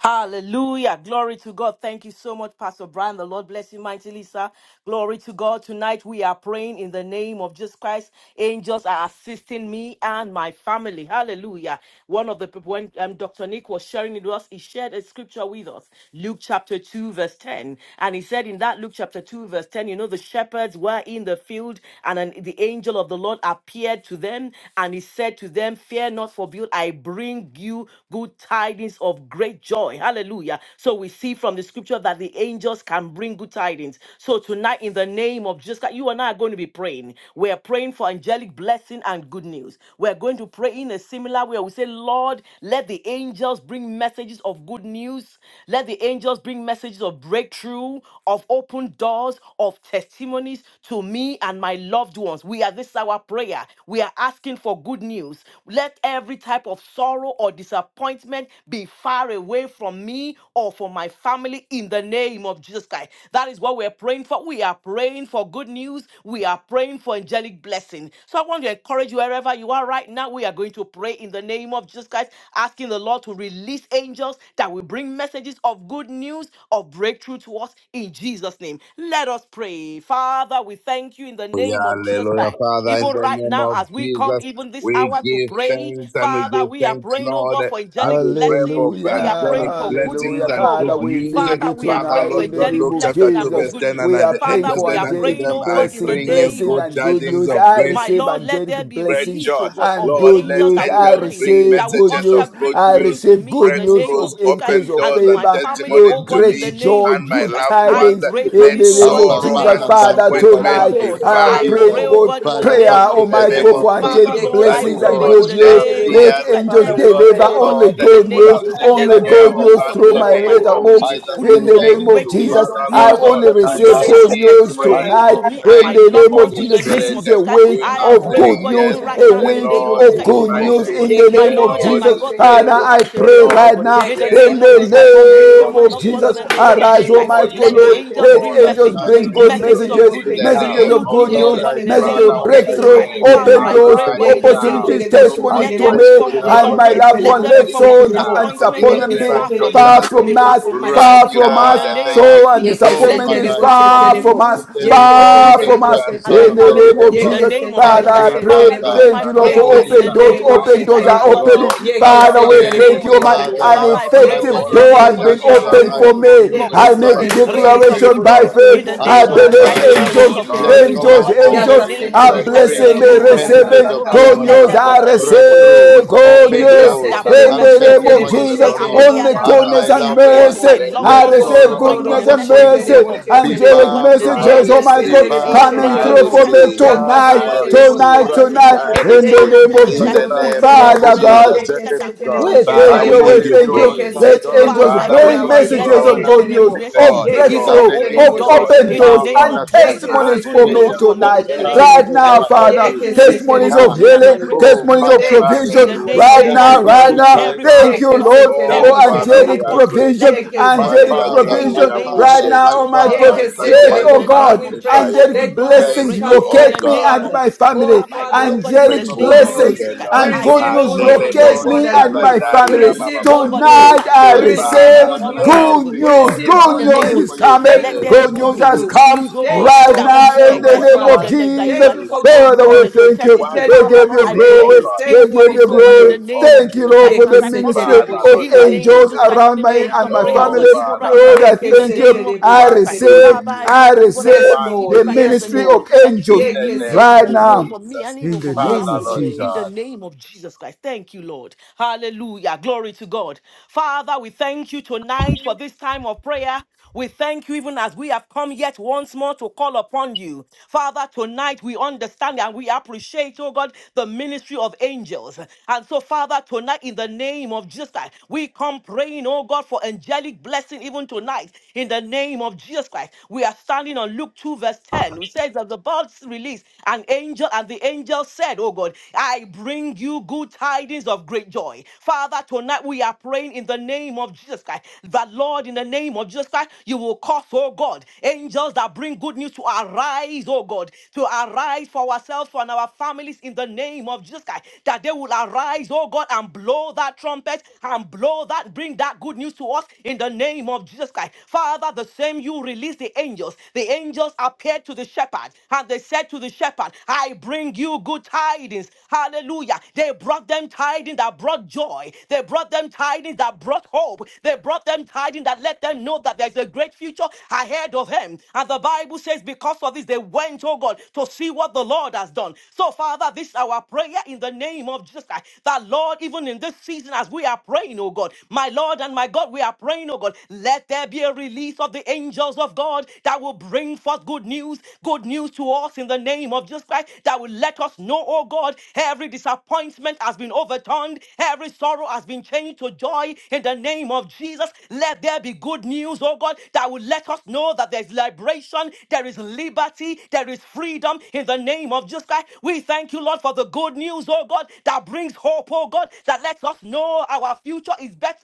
Hallelujah. Glory to God. Thank you so much, Pastor Brian. The Lord bless you mightily, sir. Glory to God. Tonight we are praying in the name of Jesus Christ. Angels are assisting me and my family. Hallelujah. One of the people, when um, Dr. Nick was sharing it with us, he shared a scripture with us, Luke chapter 2, verse 10. And he said in that Luke chapter 2, verse 10, you know, the shepherds were in the field and an, the angel of the Lord appeared to them and he said to them, Fear not, for behold, I bring bring you good tidings of great joy. Hallelujah. So we see from the scripture that the angels can bring good tidings. So tonight, in the name of Jesus Christ, you and I are going to be praying. We're praying for angelic blessing and good news. We're going to pray in a similar way. We say, Lord, let the angels bring messages of good news. Let the angels bring messages of breakthrough, of open doors, of testimonies to me and my loved ones. We are this is our prayer. We are asking for good news good news. Let every type of sorrow or disappointment be far away from me or from my family in the name of Jesus Christ. That is what we're praying for. We are praying for good news. We are praying for angelic blessing. So I want to encourage you wherever you are right now. We are going to pray in the name of Jesus Christ, asking the Lord to release angels that will bring messages of good news, of breakthrough to us in Jesus' name. Let us pray. Father, we thank you in the
Hallelujah,
name of Jesus
hallelujah.
Christ.
Father, in
Even
the
right
name
now,
of
as we come,
Jesus,
even this
we
hour to
give
pray,
thanks and we
Father,
give
we are
thanks,
praying, oh
Lord,
God, for
as
angelic
we pray
blessing.
for
Hallelujah,
We are praying
angelic
for good
blessings
hallelujah.
news,
and
oh
Father,
good
God.
we
news.
thank you
Father, we are
Father,
tonight
praying for
in
Lord
the
God,
angelic
name
Luke
of
blessing
chapter
and
2,
for
Jesus.
verse
good
10, and
news.
We are
the
praying
Father,
angel
for
we
said
are
unto
angelic
praying,
them,
oh
I
God, in the
blessing,
bring you
name
blessings
good
of
and good
Jesus
tidings
news.
Christ.
of
I
My
great
receive
Lord, let
angelic
there be
great
blessings
release,
joy.
oh God,
and
of your
Lord,
good
let
angels
news.
that will
I
angels
bring,
bring
receive
that will
good
messages
news.
of
usher,
good
bring
I
good news
news,
to
receive
me
good
in the
news
name
breakthroughs,
of
of
Jesus Christ
increase
open
of
and
doors,
to
and
my
favor.
family,
testimonies
oh
Lord,
God,
to
great
in the
me
name name
joy,
of
and my
Jesus
good
Christ.
loved
I
ones.
tidings
pray for
in
Let
this,
the
oh
name
God,
of
in
Abba,
the
sorrow
name
Jesus.
and
Father,
of
thank
Jesus
Father,
you
Christ.
right
Father,
now
Father,
in
tonight
disappointment
we
be
the
Lord,
name
I
of
am
far.
pray,
I pray,
Jesus.
praying,
oh
God,
God, in the
Father,
prayer,
thank
name of
you
In the
Jesus
that
Almighty
the
name
Christ.
God,
of
for for
angels,
Father,
angelic
Jesus,
Lord,
that
I
we
oh
blessings
pray,
will
oh
and
God,
Lord,
not
in
good
the
shed
news.
have
name
brought
of
Let
Jesus
tears
good
Christ.
angels
Let
news,
it be
good
because
deliver
the
so, oh
let
news,
the
God,
only
Lord
good
in the
angels bring
good
news.
would
name
news,
of
have
good
Jesus Christ. There
taken
news,
only
My
will
O
be
care
good
good
Father,
of
Lord,
news
news
I
for
us
through
in
in
me,
the
trust
my
for
the
name
my
name
you.
of
of
family,
letterbox.
I
Jesus.
Jesus.
good
In
news
believe
the
of
Good
Thank
you.
name
news
of
you,
from the
breakthrough,
Jesus,
Even
north,
Father,
at
the
I
Lord
news
such
of
God.
a
only
open
time
We
receive
doors
as
give
and
good
of
this,
you
news
I
testimonies
praise.
tonight.
to
know
me
that
and
In
my
Thank
my
the
you,
God,
loved
name
you
ones
of
are
Holy
not
in the
Jesus,
a man
this
name
Spirit.
of
is a
Jesus Christ.
that
week
We
you
I
should
are
am
of
lie,
praying,
saying
oh
good
God,
news,
yes.
even
nor
right
the
a
now
Son
in
The
the
of
week
Man
name of
that
Lord
Jesus
of
you
Christ,
is
should
even
good
for this,
news.
oh
mighty.
God. God.
In the
My
The
name of
Lord and
Lord
my
Jesus,
is
repent.
God, that you
Father,
will
faithful.
I
cause a
The
pray
release, oh
Lord
right
God.
is
now.
In the
great.
In
My
name of
the
In
Jesus
Father,
Christ,
the
for
I
name
me, for
of
pray.
name
my
of
loved ones,
Thank
Jesus,
Jesus,
in the
you
name of
thank
arise,
Jesus
for
you,
Christ,
Almighty
Holy
God,
let
angels
the
Lord.
Spirit, for
angels
Let
all
on
bring
that you
angels
messages,
bring
assignment.
continue
good
to
messages
do.
messages
Keep
of
messages,
good
In
them
the
news,
now.
messages
name
of
good
of
good
news, oh
Lord,
Jesus.
news,
God,
I
in the
messages
trust
name
Father,
of
you
of
we
and I
Jesus
breakthrough,
Christ.
pray,
believe
Father,
open
I
you, the
doors,
pray, oh God,
arise
in
ancient
the
of
now.
name of
days.
opportunities,
Jesus Christ,
Do
I
testimonies
let
only
to
what
believe
every
you,
me
you,
form
the
of
the
Alpha
Lord,
and
and
my
sorrow,
the
can
loved
do,
let
one.
every
Omega,
Let
form of
even
sorrow and
that,
now.
Lord,
In
disappointment
you have
the
disappointment
be
name
be
of
far
assigned your
from
far
Jesus,
me,
angels
be
from
far
us,
from my
Yes,
right
thank
far
you,
family,
from
in
Lord.
us.
the name
Thank
of
you.
now.
Sorrow and
Jesus.
Oh,
Let
disappointment
it
Father,
be
is
I
Yekesetelebo
far
pray
from
far
me,
from
shetelebo.
in
us,
Ooh,
the
ooh,
name of
far
Ore
Jesus
from
Yekesetelebo
us.
Christ, the
and
Son
my
In
of
katendo
the
the
shetelebo.
family
name
living
of
in
leba
the
God.
Jesus.
name of
sota
I
Father,
Jesus
Yekesetelebo
I
Christ.
riba
pray,
pray,
Father,
seta
this
Father,
shetelebo.
is
thank
my
riba
you, Lord,
prayer,
for
oh
kente
God,
according
in
open
the
to
riba.
your
doors.
name
Yekesetelebo
of
word,
Open
Jesus
doors
Christ.
Ambra
are
Almighty
Father,
shetelebo.
God.
seto
opening.
Lord.
riba
I
Father,
baba
we
In the
pray,
Yekesetelebo
sende
thank
name of
you,
Jesus
lebo
my
Christ.
bo
shetelebo.
an
riba
Father,
Father,
I
baba.
pray, oh
that the
God,
effective
in
Ola
the
door
mbri
has
name
angels
of
Yekesetelebo
been
say
Jesus
to
Christ
akala
for
them,
opened
good
I
mbro
for
shetelebo.
news,
go
bring
me.
you
for
kundo
I
good
good
riba
make
news,
baba.
tidings
Yekesetelebo
of
Thank
release
great
of
you,
declaration
good
shetelebo
by
news
joy.
Father.
in the
faith.
shetelebo.
We
And
I
name of
are
so,
Jesus
believe
Christ,
grateful,
Father,
oh
release
angels,
Yakasetelebo
of good
God,
let
news, oh
shetelebo.
for
angels,
Almighty
God,
God,
in
all
the
angels
let
name
things
of
are
work
Jesus
angels
Yakasetelebo
Christ,
bring
together
blessing me,
for
shetelebo.
release
good
of
to
good
them
messages
receiving
news,
that
oh
of
God.
love
good
good
God and
Let
news.
are
that,
news,
I
called
Lord, thank you,
according
Lord,
to
Yakakakakakakakakaka.
for
His
the
breakthrough,
receive
release of
purposes.
the
good
open
We
Yeke
angels
are
news.
doors,
called
that bring
In
seterebo
according
and
the
to
messages of
Your
name
good
of
news.
sheterebo
testimonies
purposes,
to
Jesus,
They
oh Lord.
me
sheterebo
appear
only
to
and
Father,
me,
my
goodness
yakaka
we
they
and
loved
pray.
appear to
mercy.
ones.
my
seterebo.
Let
loved
the
I
Let
ones, oh
Yiko
mercy,
God,
receive
sorrow
oh
and
bringing
goodness
the
sotorobo
God,
and
in
messages, oh
mercy.
the
God,
disappointment
sheterebo
of
name of
good
be
News, oh
Jesus,
Angelic
sheterebo.
God,
far
in the
from
I
name
messages,
of
us,
Yeke
Jesus
Almighty
be
Christ,
God,
receive,
seterebo
in
far
the
coming
from
name
I
of
us,
through
Jesus
sheterebo.
for
Christ,
me
be
that
receive,
will
far
bring,
Yaka
oh
tonight,
from
God,
I
us.
even
seterebo
receive,
tonight,
Right now,
rejoicing
sheterebo.
tonight.
in the
I
in the
In
name
the
of
name
receive.
Yeke
of
name of
Jesus
Jesus
In
Jesus,
the
Christ,
seterebo
Christ,
good
name of
news
the
in
Father
sheterebo.
the
Son
name
God.
of
Jesus,
of
the
Jesus
Yeke
Christ, that
Living
what has
God.
seterebo
We
been
thank
difficult
Father,
I
we
you,
before has
sheterebo.
we
give
believe
you
you,
thank
become
you.
Yeke
praise.
awesome
Let
easy.
God.
seterebo
Father,
angels
I
Father,
I
we
pray
bring
for
give
trust
shataraba
you
this.
you,
Let the
messages
yeke
of
glory.
covenant
angels
good news,
bring
seterebo.
keeping
Thank
of
messages,
God,
you,
Yeke
even
that
Lord.
of
breakthrough,
the
Thank
open
of
seterebo
you,
angels
doors
Lord.
open
in
Thank
the
doors,
sheterebo.
you,
are on
name
Lord.
and
of Jesus.
Yeke
assignment.
testimonies
Open
for
The
me
seterebo
doors
Hallelujah.
bo
for
bo
me
tonight.
bo
in
angels
the
Thank
are
name of
you.
on
Right
Jesus
sheterebo.
Christ,
now,
of
assignment.
Blessed
Father,
be.
Yeke
testimonies,
Even
even
testimonies
for
seterebo
of
now,
me and
healing,
my breakthrough
oh
of
sheterebo.
testimonies
Father,
of
I
breakthrough
Thank you,
believe
in
provision.
you.
the
Jesus.
name
Hallelujah.
of
Right
They
Jesus.
are
Thank
I
you,
now,
bringing
Thank
right
you,
pray
good
Father.
now.
every
tidings
form
Thank
to
Jesus.
of
you,
me.
Yeke se
sorrow,
Lord,
They are
Oh,
every
for
terebo
form
bringing
she
of
good
Father, we
angelic
are
terebo.
news
disappointment,
to me.
let
provision,
it
grateful.
be a
Yeke
My
se
way
Once
back
angelic
for
terebo
me
bo
Father,
again,
bo
in
my
the
bo
we
provision.
bo
name
bo
of
bo
Right
Father,
bo.
appreciate
my
Jesus.
now,
you.
Almighty
Father,
God,
Father,
I
Yeke
Once
pray,
se
oh
let,
God,
I
again,
in
oh
terebo.
the
we
trust
Father,
God,
name
we
of
you, awesome
magnify
Jesus
pray.
Christ.
you.
Angelic
Lord
Let
God,
good
I
news
blessings
Thank
God. I
pray
come,
you,
trust
in
oh
the
locate
you,
Almighty
me
King
God.
name
of
and
of
Father.
my
Jesus
Kings.
Christ.
Oh,
family.
Father,
I
I pray,
Father,
oh
trust
we
God,
you,
in
Pray
King
the
receive
Angelic
of
for
good
name
once
of
glory.
blessings
news.
again,
Jesus Christ.
We
I
Lord.
and
I
good
trust
receive
pray,
you,
oh
And
news
the
good
Lord
God, in
of
the
news, my
labels
name
locate
of
lords.
the
God
me
Jesus
and
Christ.
and
I
King.
Let
my
trust
there
calendar,
We
you,
yeah,
family.
be,
receive
Ancient
oh
of
good
God, even
days.
news.
Thank
Tonight
right now,
I
you,
in
We
I
the name
trust
of Jesus,
you,
receive
I
receive
Father.
good
call
covenant
upon
news.
Help
you.
good
God
me,
keeping
We
news.
oh
God.
receive
Good
God.
good
Thank
the
news
Let
name
you
of
is
this
for
news.
guy.
your
good
Thank
Let
angels,
coming.
you
news
there
for
of
be
Good
God.
good
good
news
news,
has
good
reach
news.
news,
me,
come
oh
oh
Thank
God,
you
right
for
that
God.
good
we
now
news,
hear.
Uh,
in the
my
Yes,
wh-
name
Lord,
of
Father.
one
God, that
good
that
Jesus.
Thank you
was
news,
for
water
oh
good
Father,
in
we
the
news,
God.
your
thank you.
One
testimony.
We
eternal
Father,
good
give
rock
Lord,
you
of
I
news, oh
glory.
pray
ages.
God.
even
We
Thank you
for
give
In
for
you
this, oh
good
the
God, in
glory.
news.
the
name
name
of
of
Thank you,
Jesus
Jesus.
Lord,
Christ,
for
even
the
as I call
ministry
upon
Yekeseterebo
you,
Father,
of
Lord,
in the
I
name of
sheterebo.
angels
Jesus Christ,
pray.
in
around
the
me
Thank
place
and
of
you,
my
prayer, oh
Oh,
family.
God,
Jesus.
even
Father,
right
Lord,
now,
I
I
in the
pray.
thank you.
name of
Yekeseterebo
I
Jesus
One
Christ.
good
receive.
sheterebo.
Father, I
news.
I
bring you, God, and I
receive
Yes,
One
receive
the
it
Lord.
right
good
now in
Yes,
the
ministry
name
news.
of
of
Lord.
Jesus Christ.
angels
The
In the
news,
name
good
right
of
good news
Yekeseterebo.
now
for me and
Jesus.
in
even
the
for
In
name
myself,
Father,
of
oh
Jesus'
God,
Lord
name.
in the
God.
Jesus.
name of Jesus Christ. Thank you, Lord. Hallelujah. Glory to God. Father, we thank you tonight for this time of prayer. We thank you even as we have come yet once more to call upon you. Father, tonight we understand and we appreciate, oh God, the ministry of angels. And so, Father, tonight in the name of Jesus Christ, we come praying, oh God, for angelic blessing even tonight in the name of Jesus Christ. We are standing on Luke 2, verse 10, which says that the birds released an angel, and the angel said, oh God, I bring you good tidings of great joy. Father, tonight we are praying in the name of Jesus Christ that, Lord, in the name of Jesus Christ, you will cause, oh God, angels angels that bring good news to arise, oh God, to arise for ourselves, for our families in the name of Jesus Christ, that they will arise, oh God, and blow that trumpet and blow that, bring that good news to us in the name of Jesus Christ. Father, the same you release the angels. The angels appeared to the shepherd and they said to the shepherd, I bring you good tidings. Hallelujah. They brought them tidings that brought joy. They brought them tidings that brought hope. They brought them tidings that let them know that there's a great future ahead of him. And the Bible says, because of this, they went, oh God, to see what the Lord has done. So, Father, this is our prayer in the name of Jesus Christ. That, Lord, even in this season, as we are praying, oh God, my Lord and my God, we are praying, oh God, let there be a release of the angels of God that will bring forth good news, good news to us in the name of Jesus Christ, that will let us know, oh God, every disappointment has been overturned, every sorrow has been changed to joy in the name of name of Jesus, let there be good news, oh God, that will let us know that there's liberation, there is liberty, there is freedom in the name of Jesus Christ. We thank you, Lord, for the good news, oh God, that brings hope, oh God, that lets us know our future is better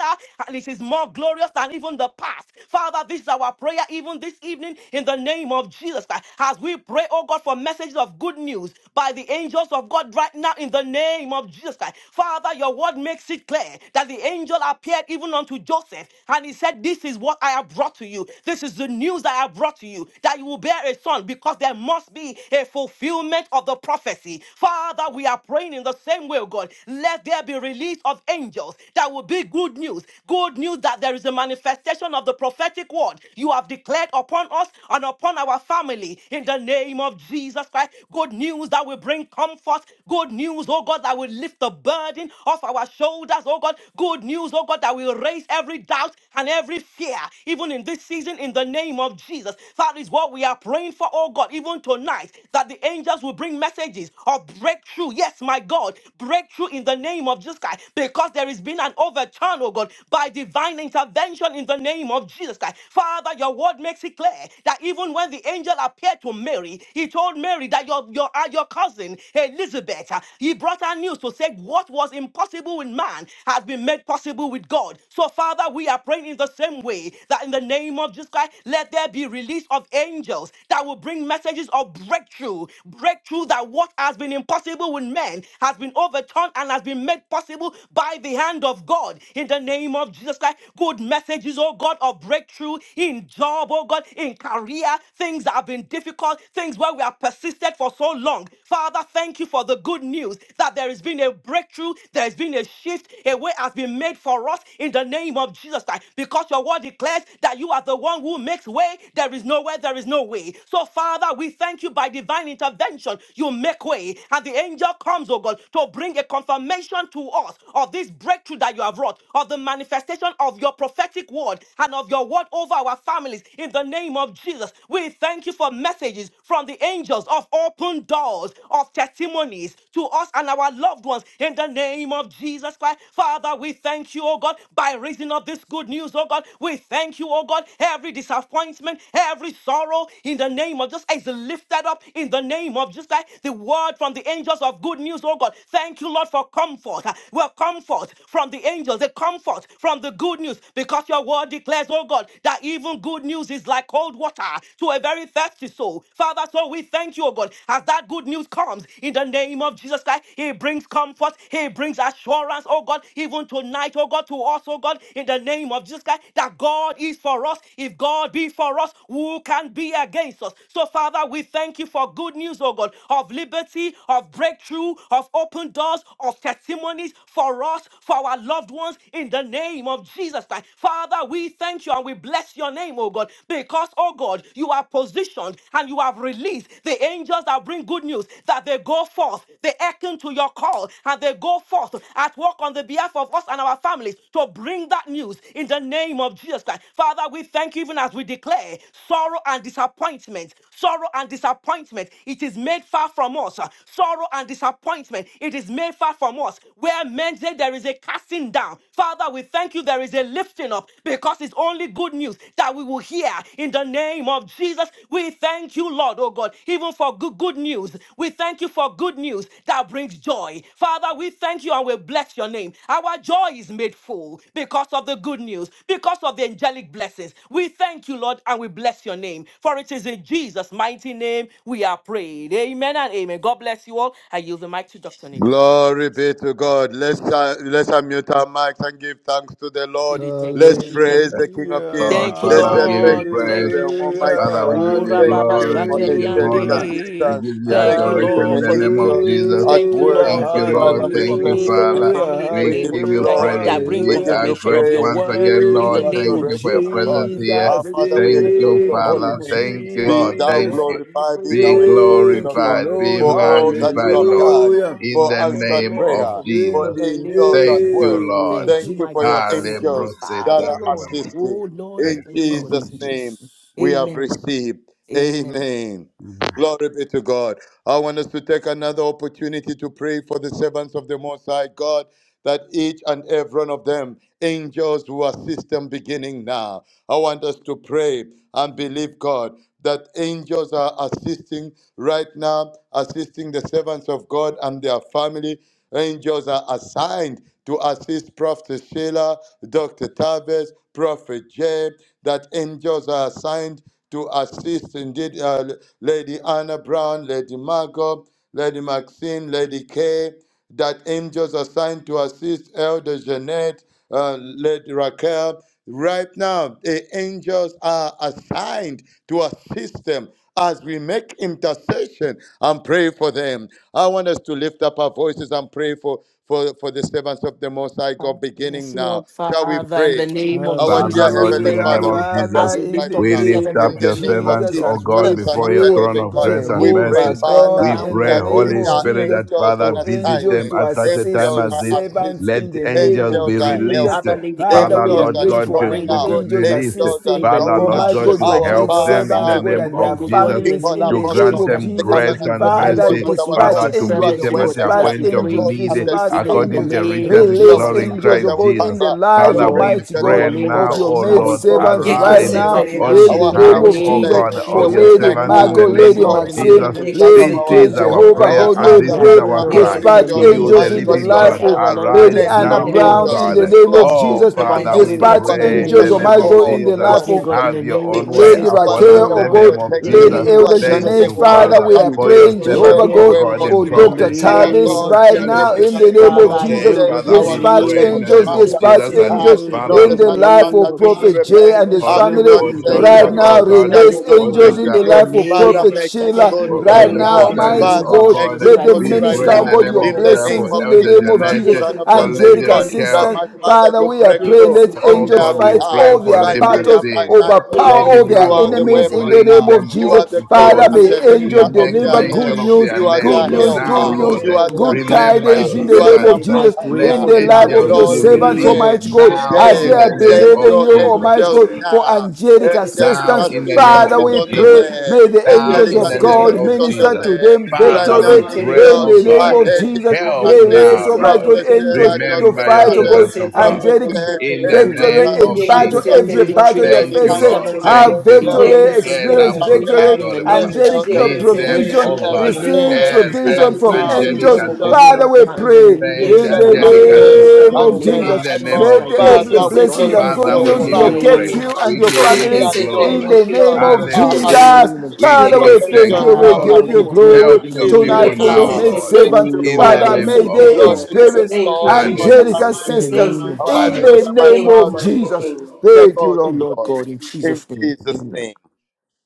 and it is more glorious than even the past. Father, this is our prayer even this evening in the name of Jesus Christ. As we pray, oh God, for messages of good news by the angels of God right now in the name of Jesus Christ. Father, your word makes it clear declare that the angel appeared even unto Joseph and he said, This is what I have brought to you. This is the news I have brought to you that you will bear a son because there must be a fulfillment of the prophecy. Father, we are praying in the same way, oh God. Let there be release of angels that will be good news. Good news that there is a manifestation of the prophetic word you have declared upon us and upon our family in the name of Jesus Christ. Good news that will bring comfort. Good news, oh God, that will lift the burden off our shoulders, oh God. Good news, oh God, that will raise every doubt and every fear, even in this season, in the name of Jesus. That is what we are praying for, oh God, even tonight, that the angels will bring messages of breakthrough. Yes, my God, breakthrough in the name of Jesus Christ, because there has been an overturn, oh God, by divine intervention in the name of Jesus Christ. Father, your word makes it clear that even when the angel appeared to Mary, he told Mary that your, your, uh, your cousin virgin, Elizabeth. Uh, He brought her news to say what was impossible with man has been made possible with God. So, Father, we are praying in the same way that in the name of Jesus Christ, let there be release of angels that will bring messages of breakthrough. Breakthrough that what has been impossible with men has been overturned and has been made possible by the hand of God. In the name of Jesus Christ, good messages, oh God, of breakthrough in job, oh God, in career, things that have been difficult, things where we have persisted for so long. Father, thank you for the good news that there has been a breakthrough, there has been a shift, a way has been made for us in the name of Jesus Christ. Because your word declares that you are the one who makes way, there is no way, there is no way. So, Father, we thank you by divine intervention. You make way, and the angel comes, oh God, to bring a confirmation to us of this breakthrough that you have wrought, of the manifestation of your prophetic word and of your word over our families in the name of Jesus. We thank you for messages from the angels of open doors, of testimonies to us and our loved ones in the name of Jesus Christ. Father, we thank you, oh God, by reason of this good news, oh God. We thank you, oh God, every disappointment, every sorrow in the name of just is lifted up in the name of just like the word from the angels of good news, oh God. Thank you, Lord, for comfort. Well, comfort from the angels, the comfort from the good news, because your word declares, oh God, that even good news is like cold water to a very thirsty soul. Father, so we thank you, O God, as that good news comes in the name of Jesus Christ. He brings comfort, He brings assurance, oh God, even tonight, oh God, to us, oh God, in the name of Jesus Christ, that God is for us. If God be for us, who can be against us? So, Father, we thank you for good news, oh God, of liberty, of breakthrough, of open doors, of testimonies for us, for our loved ones, in the name of Jesus Christ. Christ. Father, we thank you and we bless your name, oh God, because, oh God, you are positioned and you have released the angels that bring good news, that they go forth, they hearken to your call, and they go forth at work on the behalf of us and our families to bring that news in the name of Jesus Christ. Father, we thank you even as we declare sorrow and disappointment, sorrow and disappointment, it is made far from us. Sorrow and disappointment, it is made far from us. Where men say there is a casting down. Father, we thank you there is a lifting up because it's only good news that we will hear in the name of Jesus. We thank you, Lord, oh God, even for good, good news. We thank you for good news that brings joy. Father, we thank you and we bless your name. Our joy is made full because of the good news, because of the angelic blessings. We thank you, Lord, and we bless your name. For it is in Jesus' mighty name we are prayed. Amen and amen. God bless you all. I yield the mic to Dr. Nick. Thank you, Jesus.
Glory be to God. Let's, uh, let's unmute our mics and give thanks to the Lord.
Did it. Thank you,
Let's
Jesus.
praise the King of
Hallelujah,
Kings.
Lord,
Thank you,
Let's
Father,
say
we give you
thank
Lord. We
you to
praise.
Thank
the
you,
hallelujah,
Jesus.
Almighty
Father, we
God.
give
Oh,
you
Thank
Rababa
you
glory,
for
we give you
angelic
honor,
hallelujah,
we
Shateriande.
assistance.
give you
Thank
Thank
you,
you for
adoration in
Lord,
the
the
for the
name of
good
angels
news.
Jesus.
at
Thank you,
hallelujah,
work.
Thank
Lord, for
you,
the good
Father,
Lord.
we
news for
Thank you,
bless
me, for
your
my
Father.
hallelujah,
name.
family, in the
We
We
name
give
of
give
you
Jesus
you
hallelujah,
Christ,
glory.
that
praise.
brings
We
We give
hallelujah.
are
you
confirmation of
grateful
your
praise.
once
word,
again,
We give
in
Lord.
the
you
Thank
name
Thank
you,
of
you for
adoration,
your
Jesus
O
Christ, that
God.
presence
brings my
here.
Our
Jesus.
Father,
breakthrough, oh
we
Thank
God,
you,
exalt
in
your
the
Thank
holy
you,
name
Father.
of
name.
Thank
Jesus
you,
Christ.
Be
Lord.
Thank
thou
you,
Thank
Jesus.
Lord. I
you.
give you
glorified, be
praise, oh
thou
Be
God, even for this,
exalted,
oh
Thank
O
God,
you,
God,
glorified,
in the
be
Lord.
for
name of
all that you
magnified,
Jesus
have
Christ,
Lord,
oh
done,
Hallelujah.
God.
in
for
I
the
thank you,
answered
name
Lord,
of
even
prayer,
for this, oh
for
In
God,
Jesus.
in the
the
name of
angels
Thank
at
Jesus
you,
work.
Christ.
name
Lord.
of
Thank
Thank
you,
you
my
for your
God. Thank
Jesus.
you, my
angels
Hallelujah.
that
Father,
are
Lord.
assisting.
Oh
Thank
Lord, I
you.
In
thank you for
Thank you,
this
Jesus'
in
name,
Jesus. name.
Jesus.
we have
Amen.
received.
Amen.
Amen.
Amen.
Glory be to God. I want us to take another opportunity to pray for the servants of the Most High God, that each and every one of them, angels who assist them beginning now. I want us to pray and believe God that angels are assisting right now, assisting the servants of God and their family. Angels are assigned to assist Prophet Sheila, Dr. Tavis, Prophet Jay, that angels are assigned to assist indeed uh, Lady Anna Brown, Lady Margot, Lady Maxine, Lady Kay, that angels are assigned to assist Elder Jeanette, uh, Lady Raquel. Right now, the angels are assigned to assist them as we make intercession and pray for them. I want us to lift up our voices and pray for, for, for the servants of the Most High
Father,
God
Yes,
beginning now.
Lord
Shall we
Father, in the
pray?
name of
Our
Father,
dear
Jesus, we
Lord, in
Heavenly
the
thank
Hallelujah.
name
Father,
of
we
you
come to
Father,
as
Jesus,
we
you
in
right
lift
the
up the
we
now.
lift
name
servants
up
In
of
of
the
the
your
living
name
God
of
servants,
Jesus,
O
Jesus
as
Christ,
God,
the
we
Son
before
of
your
the
pray,
before
throne
you, O
living
of
God,
God, in
grace
the
and
we
name of
pray,
Jehovah
mercy.
Jesus Christ. Even
God,
Father,
We
now
in
we are
pray,
the
that
praying, O
name
Holy
there
of
God.
are
Spirit,
Jesus,
that
angels on
Father,
for
visit
for
angels
them
assignment.
to
at such a
assist
time
Angels
your
as
are
this.
servants
Let
assisting.
in the name
angels
Angels
of
be
are
Jesus.
released.
Father,
helping.
let the
Father,
angels
Father,
be
we are
Angels
Lord
are
released
praying
to
God,
for
to
showing
bring,
an-
oh
up.
God,
angels
be released.
Angels are
assisting,
in the
Father,
showing
name of
Lord
up.
Almighty
God,
God,
Jesus
to
your
Christ,
Our
oh
help
maid
God,
them in
servants,
the
oh
Father,
let
God,
name
them
and
of
their
bring, oh God,
Jesus,
in
we
the
families
call
name
in
to
of
the
upon
name
you,
Jesus
grant
of
Christ,
them
the
Jesus.
grace
covenant
even good
and
keeping
news,
Father,
God,
oh
mercy.
that
God,
our
even to
dispatch
God.
your
Father, to
You are
meet
angels,
the
servants, oh
them
way
at
God,
their
even
dispatch
maker.
as
You
we
point
are the
of
pray,
angels,
glory
need
and
even
the
this
dispatch
evening,
lifter
in
of
the
according
angels,
our
to
head.
name
riches
of
in
You are
release
our
Jesus
glory
Christ.
in
shield and
angels, oh
Christ
God.
our
God, in
Jesus.
the
buckler,
lives,
our
Father,
Lord.
we
refuge
Almighty
and
In
God,
the
our
pray
name of
of
now,
fortress,
your
Jesus
O
Christ,
maid
our
we
Lord,
strong
pray for
in
servants
this
times
right
over
arise
of
now,
right
Yekesetere
trouble,
bo
on
now.
in the
our
In
shetere
the
name
behalf,
bo
of
hiding
O
name
shetere
Jesus,
of
place,
bo
God,
bo
for
the
of
Jesus
way
your
shetere
Lady
Christ.
bo bo
servants
maker,
in
bo
Margot,
Oh,
the
bo bo
the
name
yes,
Lady
bo
of
bo.
Lord,
glory
in the
and
Maxine,
the
Jesus.
name of
lifter
Jesus.
of
This
Lady
our
Yekesetere
K,
is
bo
head.
bo
our
bo
Lord
Jehovah
Our
God,
prayer
God,
shetere
and
we
bo.
this
we
Father,
are
is
pray,
right
praying,
our
now,
oh
cry
God, in
assist
the
dispatch
to
your
Yekesetere
name
bo
you,
of
the
angels
mighty
in the
God,
Jesus
shetere
living
your
bo.
Christ,
life
God.
of
Father
servants.
Lord,
Arise
Lady
Send
in
Anna
your
the
now,
Yekesetere
O
name
bo
of
Brown,
angels
in
God.
the
Jesus.
shetere
to
name
bo.
of
Oh,
assist
Jesus,
them, oh
I
Father,
God,
pray,
we
Yekesetere
God,
dispatch
bo
to
in
bo
the
bo
pray
assist
in
bo
them
angels,
the
name
in
name
of
Almighty
of
shetere
Jesus.
God,
bo
war,
in
bo
the
bo
to
Jesus.
bo
life
Pray,
bo
of
assist
bo.
God,
them
in
in
the
Have your
name of
own
provision,
way
Lady
Jesus.
Yekesetere
to
bo
upon
bo
assist
Oh
us,
Raquel,
bo
them
oh
the
in
bo.
Lord,
name
God,
of
in the
protection,
Lady
Jesus.
name
to
of
Yekesetere
Elder
bo bo
assist
Thank
bo
them
Jesus,
Janet,
you,
bo bo
let
and
there
Father,
their
bo.
Father,
we
be,
are
oh
for
family
God.
your
praying,
in
Let
servants,
Jehovah
Yekesetere
every
there
O
bo
God,
way
be,
bo
oh
God,
shetere
God,
in
for
in the
possible.
bo
Dr.
Prophet
shetere
Sheila,
Our
bo.
name
Tavis
God,
of
Dr.
we
right
are
Jesus.
Tavis,
now
looking
God.
in
Yekesetere
the
bo
unto
name
bo
of
Father,
bo
Prophet
you,
I
bo
Jay.
pray,
Jesus.
oh
bo bo
saying,
God, in
Father,
the
Our
we
shetere
God,
bo.
Dispatch
you're
pray
name
in
of
the
not
angels,
a
name
man
Jesus.
of
Yes,
God.
that you
dispatch
Jesus
should
Even
that,
for
die,
angels
this, oh
nor
God,
in
the
Father,
in the
the
Son of Man
life
name
of
that
of
you should
Jesus.
Prophet
God.
Jay
repent.
and
We
his
Lord,
Have
pray, oh
you
family
God,
not
for
in the
said it,
name
right
Dr.
O
of
now.
O
God?
Jesus
God,
Christ,
Shall
Release
you
let
not
there
for
angels
make
be.
in
it
Dr.
the
In the
good?
life of
name
Father,
of
Prophet
make
Jesus
it
Christ,
good
Sheila
we
for
right
right
pray,
now,
God,
protective
now.
in the
service,
Almighty
name
oh
Father,
of
God.
make
God.
Jesus
it
Let
Christ,
good
them
We
for this,
right
oh
minister,
pray
God.
in
oh
now.
the
God,
name
your
of
In the
Jesus
name
for
blessings
of
in the
Elder
name
Jesus
of
Christ, the
Jesus.
Jeanette,
Son of
for
the living
Lady
Angelic
God, that
Raquel,
assistance,
my Father,
Father,
you
we are
break
praying.
through
Let
on
oh
angels
their
God. We
fight
behalf
pray
all
for
their
by
Lady
day
battles
and by
Maxine,
night,
over
oh God.
Lady
power of their
You are
Margot.
the
We
way
enemies in the
bring
maker.
name of
them
You are
all
Jesus.
the glory
before
Father,
Yeke
and
se
you.
may
the
tele
We
lifter
angels
bobo
In
of
make
se
the
deliver
their
tele
name of
good
mention
head.
of
bobo.
news,
Jesus,
their
You are
good
names
their
Yeke
let
news,
se
the
now,
good
tele
helper.
news,
Lord.
bobo
You
angels,
are
bobo
in the
their
good
bobo.
name of
Remember
sustainer.
tidings
your
Yeke
in
You
the
are
se
Jesus,
name
their
of
tele
servants.
bobo.
I
Jesus
pray
Let
in
provider.
for
the
Yeke
these,
life
O
And
se
of
angels
God,
your
tele
in
be
Lord,
the
bobo
we
se
servants,
name
tele
of
pray
Almighty
bobo.
released
God,
Jesus
now
Christ,
as
O
today,
they
in
Yeke
the
are
se
Lord.
name
tele
send
of
bobo
believing
your
you,
bobo
Almighty
Jesus.
se
angels
God,
tele bobo.
for
now.
angelic
Angelic
Now,
assistance.
in the name
assistance
Father,
of
is
we
on the
pray,
Jesus.
way.
may the
Now,
angels
Angelic
Yeke
in
of
the
se tele bobo se
name
tele
God
assistance
of
is
bobo
on the
minister
Jesus.
se
to
way.
them
tele bobo.
Right
Yeke
Father,
now,
victory
we
se tele bobo bobo. Yeke se tele
pray,
in
angels
bobo
oh
the
se
God,
name
are
tele
of
bobo.
heading
Jesus.
to
help
Yeke
assist
now,
Release,
se tele
Almighty
Lord.
Prophet
bobo
God,
se tele
angels
Sheila,
bobo.
to
Dr.
Remember your
fight, oh
Yeke
Tavis,
God,
servants,
se
oh
tele
God.
Prophet
angelic
bobo se
Che,
In
tele
the
bobo.
In the
angels
Victory
name
name
are
of
of
in
trying
Yeke
Jesus,
battle,
that
to
se
Jesus.
brings
every
assist
terebo
battle
se
victory
you're
Thank
Lady
to the
you,
terebo
Anna
facing,
se
Lord.
servants of
Brown,
terebo.
Thank
have
God,
you,
a
uh,
Lord.
victory,
daily
Yeke se
Lady
Ela
experience
terebo bo
victory
se
victory,
Raquel,
in
terebo.
the
prosketore, Baba.
name
yes,
of Jesus
angelic
Elder
uh,
Christ,
Yeke
Meet
se
Jeanette,
them,
terebo
provision,
breakthrough
oh
bo
in
let
bo bo
the
God.
it
bo.
name of
receive
came
Eh,
Jesus Christ.
right
provision
send
Yeke
from
We
se
now.
receive
angelic
terebo
this,
angels.
O
bo
God,
Angels on
Father,
remember
assistance
we
now in
assignment
the
to
pray
assist.
name of
friend
in
Jesus
Let
the
Christ. We
angelic
thank you, Lord,
Maxim
bo
assistance
name
in the
and
bo
of
name
let
of
in
Jesus.
bo.
the name
Jesus
Marco.
May
of
the
Christ, because
Jesus.
every
Yeke
it
Father,
is
we
se
blessings
done
and
terebo
believe
bo
good
Father,
bo
you.
in the
we
news
give
bo
Father,
you
bo bo bo. Yeke se terebo bo bo bo bo bo bo
locate
we
name
praise.
bo.
of
you
trust
and
We
your
you
Jesus Christ.
give
Yeke
you
families
that
se
your
in
glory.
terebo
the
se
name
angels
terebo
of
se
In
are
the
terebo.
Hallelujah.
Jesus.
assisting.
name of
We
Jesus.
Father,
Your
Yeke
we
give
se
thank
thanks,
angels
you.
terebo
We
bo
are
Father,
bo
Lord.
give
bo
Lord,
you
we
bo bo
pray,
assisting.
Lord,
glory
Help
bo.
in the
your
Even
name
people
tonight
of
for your
now,
Jesus
now.
maid
Christ.
Lord,
Yekeseterebo,
Oh,
Thank
servants.
you,
in
Lord
the
Father.
Father,
God,
name
may
of
they
yekeseterebo.
Lord, we give
Jesus.
you
experience
Thank you,
glory, honor,
Jesus.
angelic
and
Hallelujah.
in the
praise.
Thank
assistance
name
you,
of
Oh, my
in
Father.
Lord
the
Jesus
and oh, my
Christ.
name
Thank you,
God,
of
mighty
Jesus.
King.
take
Thank you,
all
Oh,
the
Lord.
Lord
glory.
God, in
In
Jesus' name.
Jesus'
Amen.
name.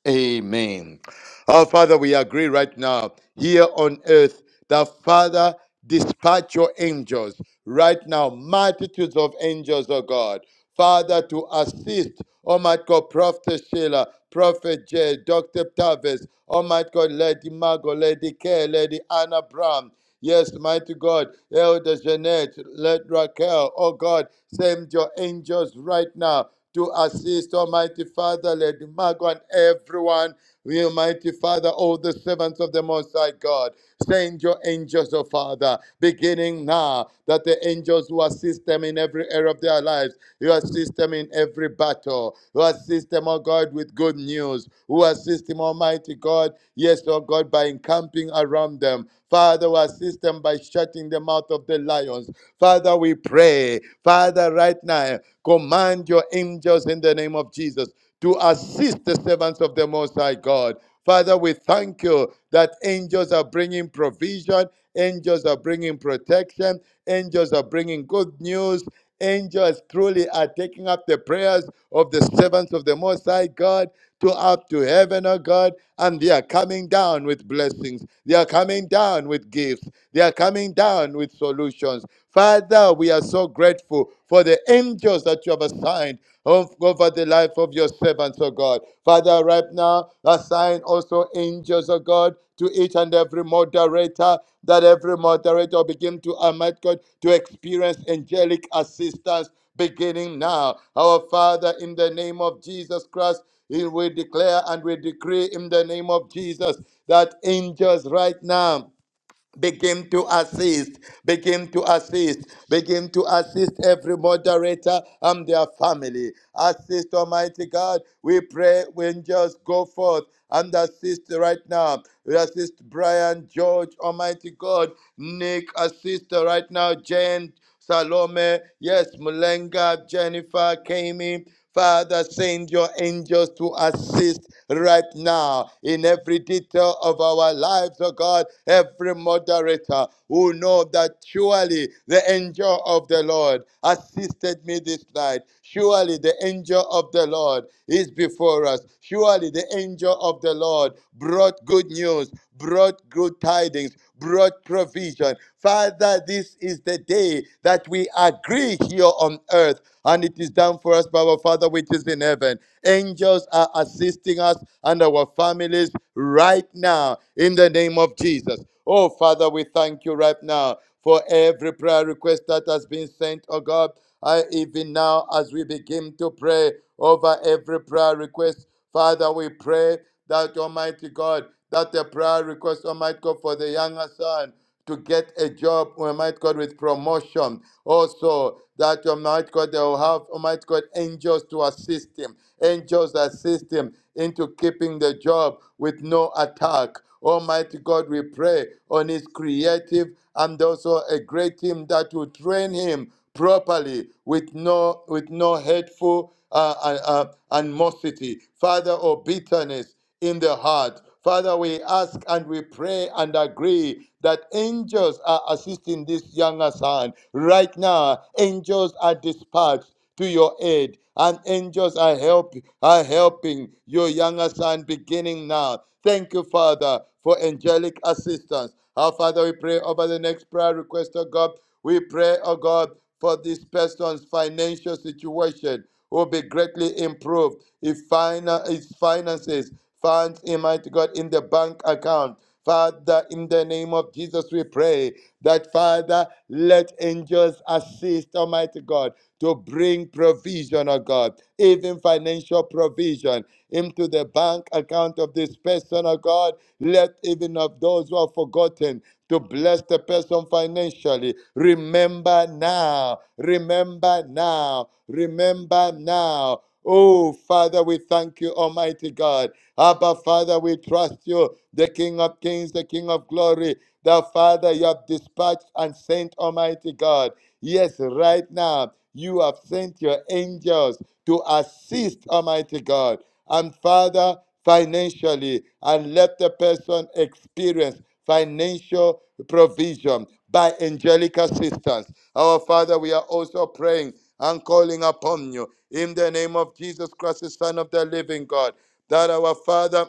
Amen. Our Father, we agree right now here on earth that Father, dispatch your angels right now, multitudes of angels, oh God. Father, to assist, oh my God, Prophet Sheila, Prophet Jay, Dr. Tavis, oh my God, Lady Margot, Lady Kay, Lady Anna Brown. Yes, mighty God, Elder Jeanette, let Raquel, oh God, send your angels right now to assist, Almighty Father, Lady Margot and everyone, we, Almighty Father, all the servants of the Most High God. Send your angels, O Father, beginning now, that the angels who assist them in every area of their lives, you assist them in every battle, you assist them, O God, with good news, who assist them, Almighty God, yes, O God, by encamping around them. Father, who assist them by shutting the mouth of the lions. Father, we pray. Father, right now, command your angels in the name of Jesus to assist the servants of the Most High God. Father, we thank you that angels are bringing provision, angels are bringing protection, angels are bringing good news, Angels truly are taking up the prayers of the servants of the Most High God to up to heaven, oh God, and they are coming down with blessings. They are coming down with gifts. They are coming down with solutions. Father, we are so grateful for the angels that you have assigned of- over the life of your servants, oh God. Father, right now, assign also angels, oh God, to each and every moderator, that every moderator begin to, Almighty God, to experience angelic assistance beginning now. Our Father, in the name of Jesus Christ, we declare and we decree in the name of Jesus that angels right now begin to assist, begin to assist, begin to assist every moderator and their family. Assist, Almighty God. We pray when just go forth and assist right now. We assist Brian, George, Almighty God, Nick, assist right now, Jane. Salome, yes, Mulenga, Jennifer came in. Father, send your angels to assist right now in every detail of our lives, oh God. Every moderator who know that surely the angel of the Lord assisted me this night. Surely the angel of the Lord is before us. Surely the angel of the Lord brought good news, brought good tidings, brought provision. Father, this is the day that we agree here on earth, and it is done for us by our Father which is in heaven. Angels are assisting us and our families right now in the name of Jesus. Oh, Father, we thank you right now for every prayer request that has been sent, oh God. I, even now, as we begin to pray over every prayer request, Father, we pray that Almighty God, that the prayer request, Almighty God, for the younger son to get a job, Almighty God, with promotion. Also, that Almighty God, they will have Almighty God angels to assist him, angels assist him into keeping the job with no attack. Almighty God, we pray on his creative and also a great team that will train him properly with no with no hateful uh, uh, uh, animosity, Father, or bitterness in the heart. Father, we ask and we pray and agree that angels are assisting this younger son. Right now, angels are dispatched to your aid. And angels are help are helping your younger son beginning now. Thank you, Father, for angelic assistance. Our Father, we pray over the next prayer request, oh God. We pray, oh God, for this person's financial situation will be greatly improved. If finan- his finances, funds, Almighty God, in the bank account Father, in the name of Jesus, we pray that, Father, let angels assist, Almighty God, to bring provision, oh God, even financial provision into the bank account of this person, oh God. Let even of those who are forgotten to bless the person financially. Remember now, remember now, remember now. Oh, Father, we thank you, Almighty God. Abba, Father, we trust you, the King of Kings, the King of Glory. The Father, you have dispatched and sent, Almighty God. Yes, right now, you have sent your angels to assist, Almighty God. And Father, financially, and let the person experience financial provision by angelic assistance. Our Father, we are also praying and calling upon you in the name of Jesus Christ, the Son of the living God, that our Father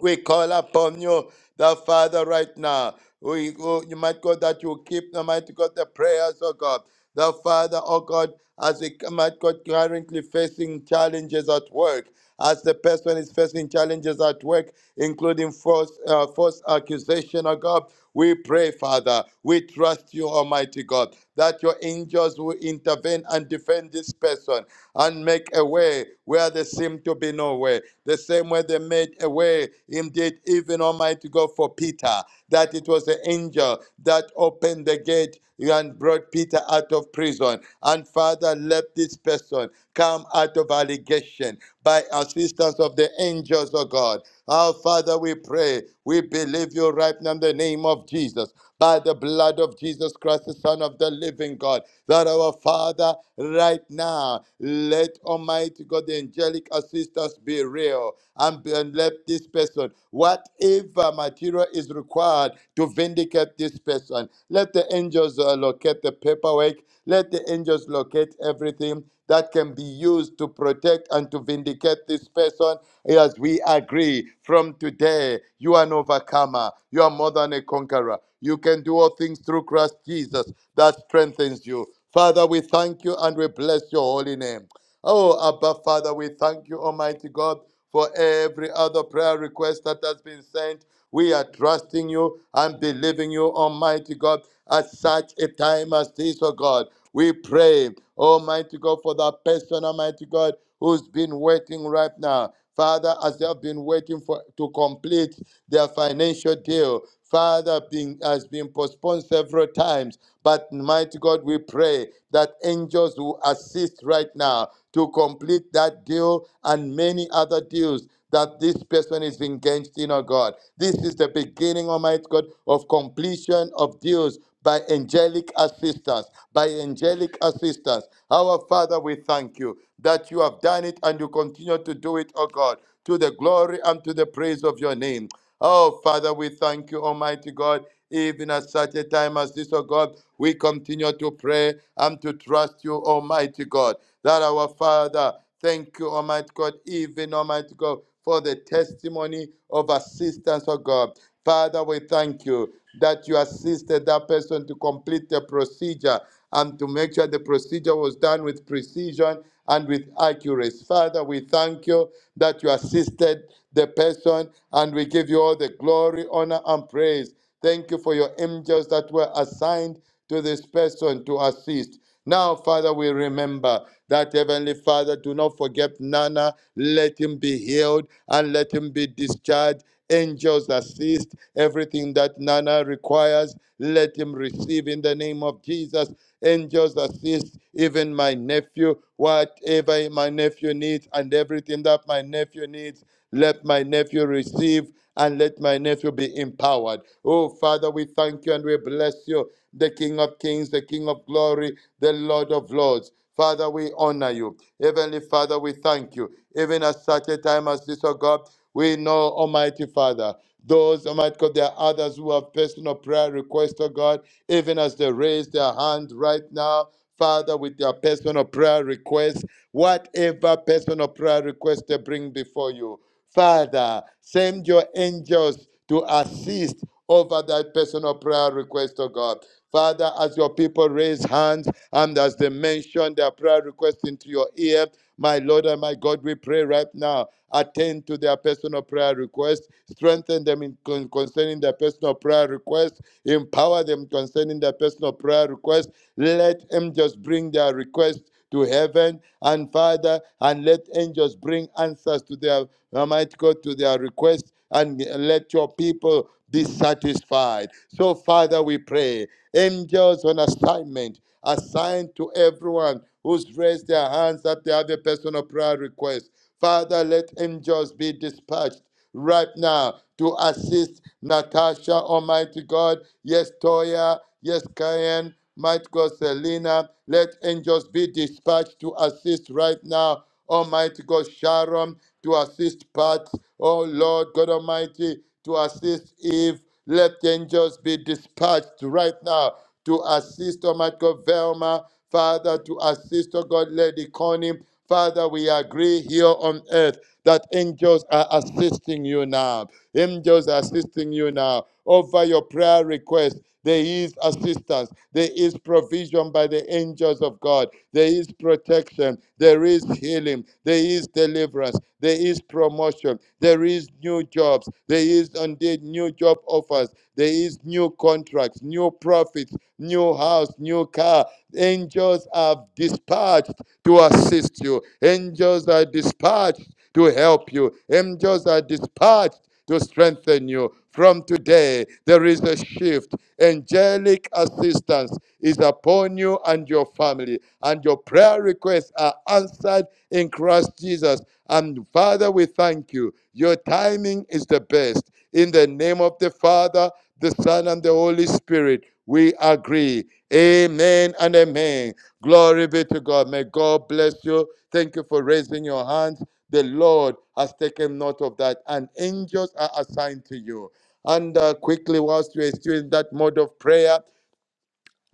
we call upon you, the Father, right now. We, oh, you might God, that you keep, the mighty God, the prayers, oh God. The Father, oh God, as we, might God, currently facing challenges at work, as the person is facing challenges at work, including false, uh, false accusation, oh God. We pray, Father, we trust you, Almighty God, that your angels will intervene and defend this person and make a way where there seemed to be no way. The same way they made a way, indeed, even Almighty God, for Peter, that it was the angel that opened the gate and brought Peter out of prison. And Father, let this person come out of allegation by assistance of the angels of God. Our Father, we pray, we believe you healed right now in the name of Jesus. By the blood of Jesus Christ, the Son of the living God, that our Father, right now, let Almighty God, the angelic assistance be real and, and let this person, whatever material is required to vindicate this person, let the angels uh, locate the paperwork, let the angels locate everything that can be used to protect and to vindicate this person as we agree from today. You you are an overcomer. You are more than a conqueror. You can do all things through Christ Jesus that strengthens you. Father, we thank you and we bless your holy name. Oh, Abba, Father, we thank you, Almighty God, for every other prayer request that has been sent. We are trusting you and believing you, Almighty God, at such a time as this, oh God. We pray, Almighty God, for that person, Almighty God, who's been waiting right now. Father, as they have been waiting for to complete their financial deal, Father, being, has been postponed several times. But mighty God, we pray that angels will assist right now to complete that deal and many other deals that this person is engaged in, oh God. This is the beginning, Almighty God, of completion of deals by angelic assistance, by angelic assistance. Our Father, we thank you that you have done it and you continue to do it, O God, to the glory and to the praise of your name. Oh, Father, we thank you, Almighty God. Even at such a time as this, O God, we continue to pray and to trust you, Almighty God, that our Father, Thank you, Almighty God, even Almighty God, for the testimony of assistance, oh God. Father, we thank you that you assisted that person to complete the procedure and to make sure the procedure was done with precision and with accuracy. Father, we thank you that you assisted the person and we give you all the glory, honor, and praise. Thank you for your angels that were assigned to this person to assist. Now, Father, we remember that Heavenly Father, do not forget Nana. Let him be healed and let him be discharged. Angels assist everything that Nana requires. Let him receive in the name of Jesus. Angels assist even my nephew, whatever my nephew needs, and everything that my nephew needs. Let my nephew receive and let my nephew be empowered. Oh, Father, we thank you and we bless you, the King of kings, the King of glory, the Lord of lords. Father, we honor you. Heavenly Father, we thank you. Even at such a time as this, oh God, we know, Almighty Father, those, Almighty God, there are others who have personal prayer requests, oh God, even as they raise their hand right now, Father, with their personal prayer requests, whatever personal prayer request they bring before you. Father, send your angels to assist over that personal prayer request, oh God. Father, as your people raise hands and as they mention their prayer request into your ear, my Lord and my God, we pray right now. Attend to their personal prayer request, strengthen them in con- concerning their personal prayer request, empower them concerning their personal prayer request. Let them just bring their request to heaven and Father, and let angels bring answers to their Almighty God to their request and let your people be satisfied. So, Father, we pray, angels on assignment, assigned to everyone who's raised their hands at the other a personal prayer request. Father, let angels be dispatched right now to assist Natasha, Almighty God. Yes, Toya. Yes, Kayan. Might God, Selena. Let angels be dispatched to assist right now Almighty God, Sharon, to assist Pat, oh Lord God Almighty, to assist Eve. Let angels be dispatched right now to assist Almighty God, Velma, Father, to assist, oh God, Lady Connie. Father, we agree here on earth that angels are assisting you now. Angels are assisting you now over your prayer request. There is assistance. There is provision by the angels of God. There is protection. There is healing. There is deliverance. There is promotion. There is new jobs. There is indeed new job offers. There is new contracts, new profits, new house, new car. Angels are dispatched to assist you. Angels are dispatched to help you. Angels are dispatched to strengthen you. From today, there is a shift. Angelic assistance is upon you and your family, and your prayer requests are answered in Christ Jesus. And Father, we thank you. Your timing is the best. In the name of the Father, the Son, and the Holy Spirit. We agree. Amen and amen. Glory be to God. May God bless you. Thank you for raising your hands. The Lord has taken note of that, and angels are assigned to you. And uh, quickly, whilst we are still in that mode of prayer,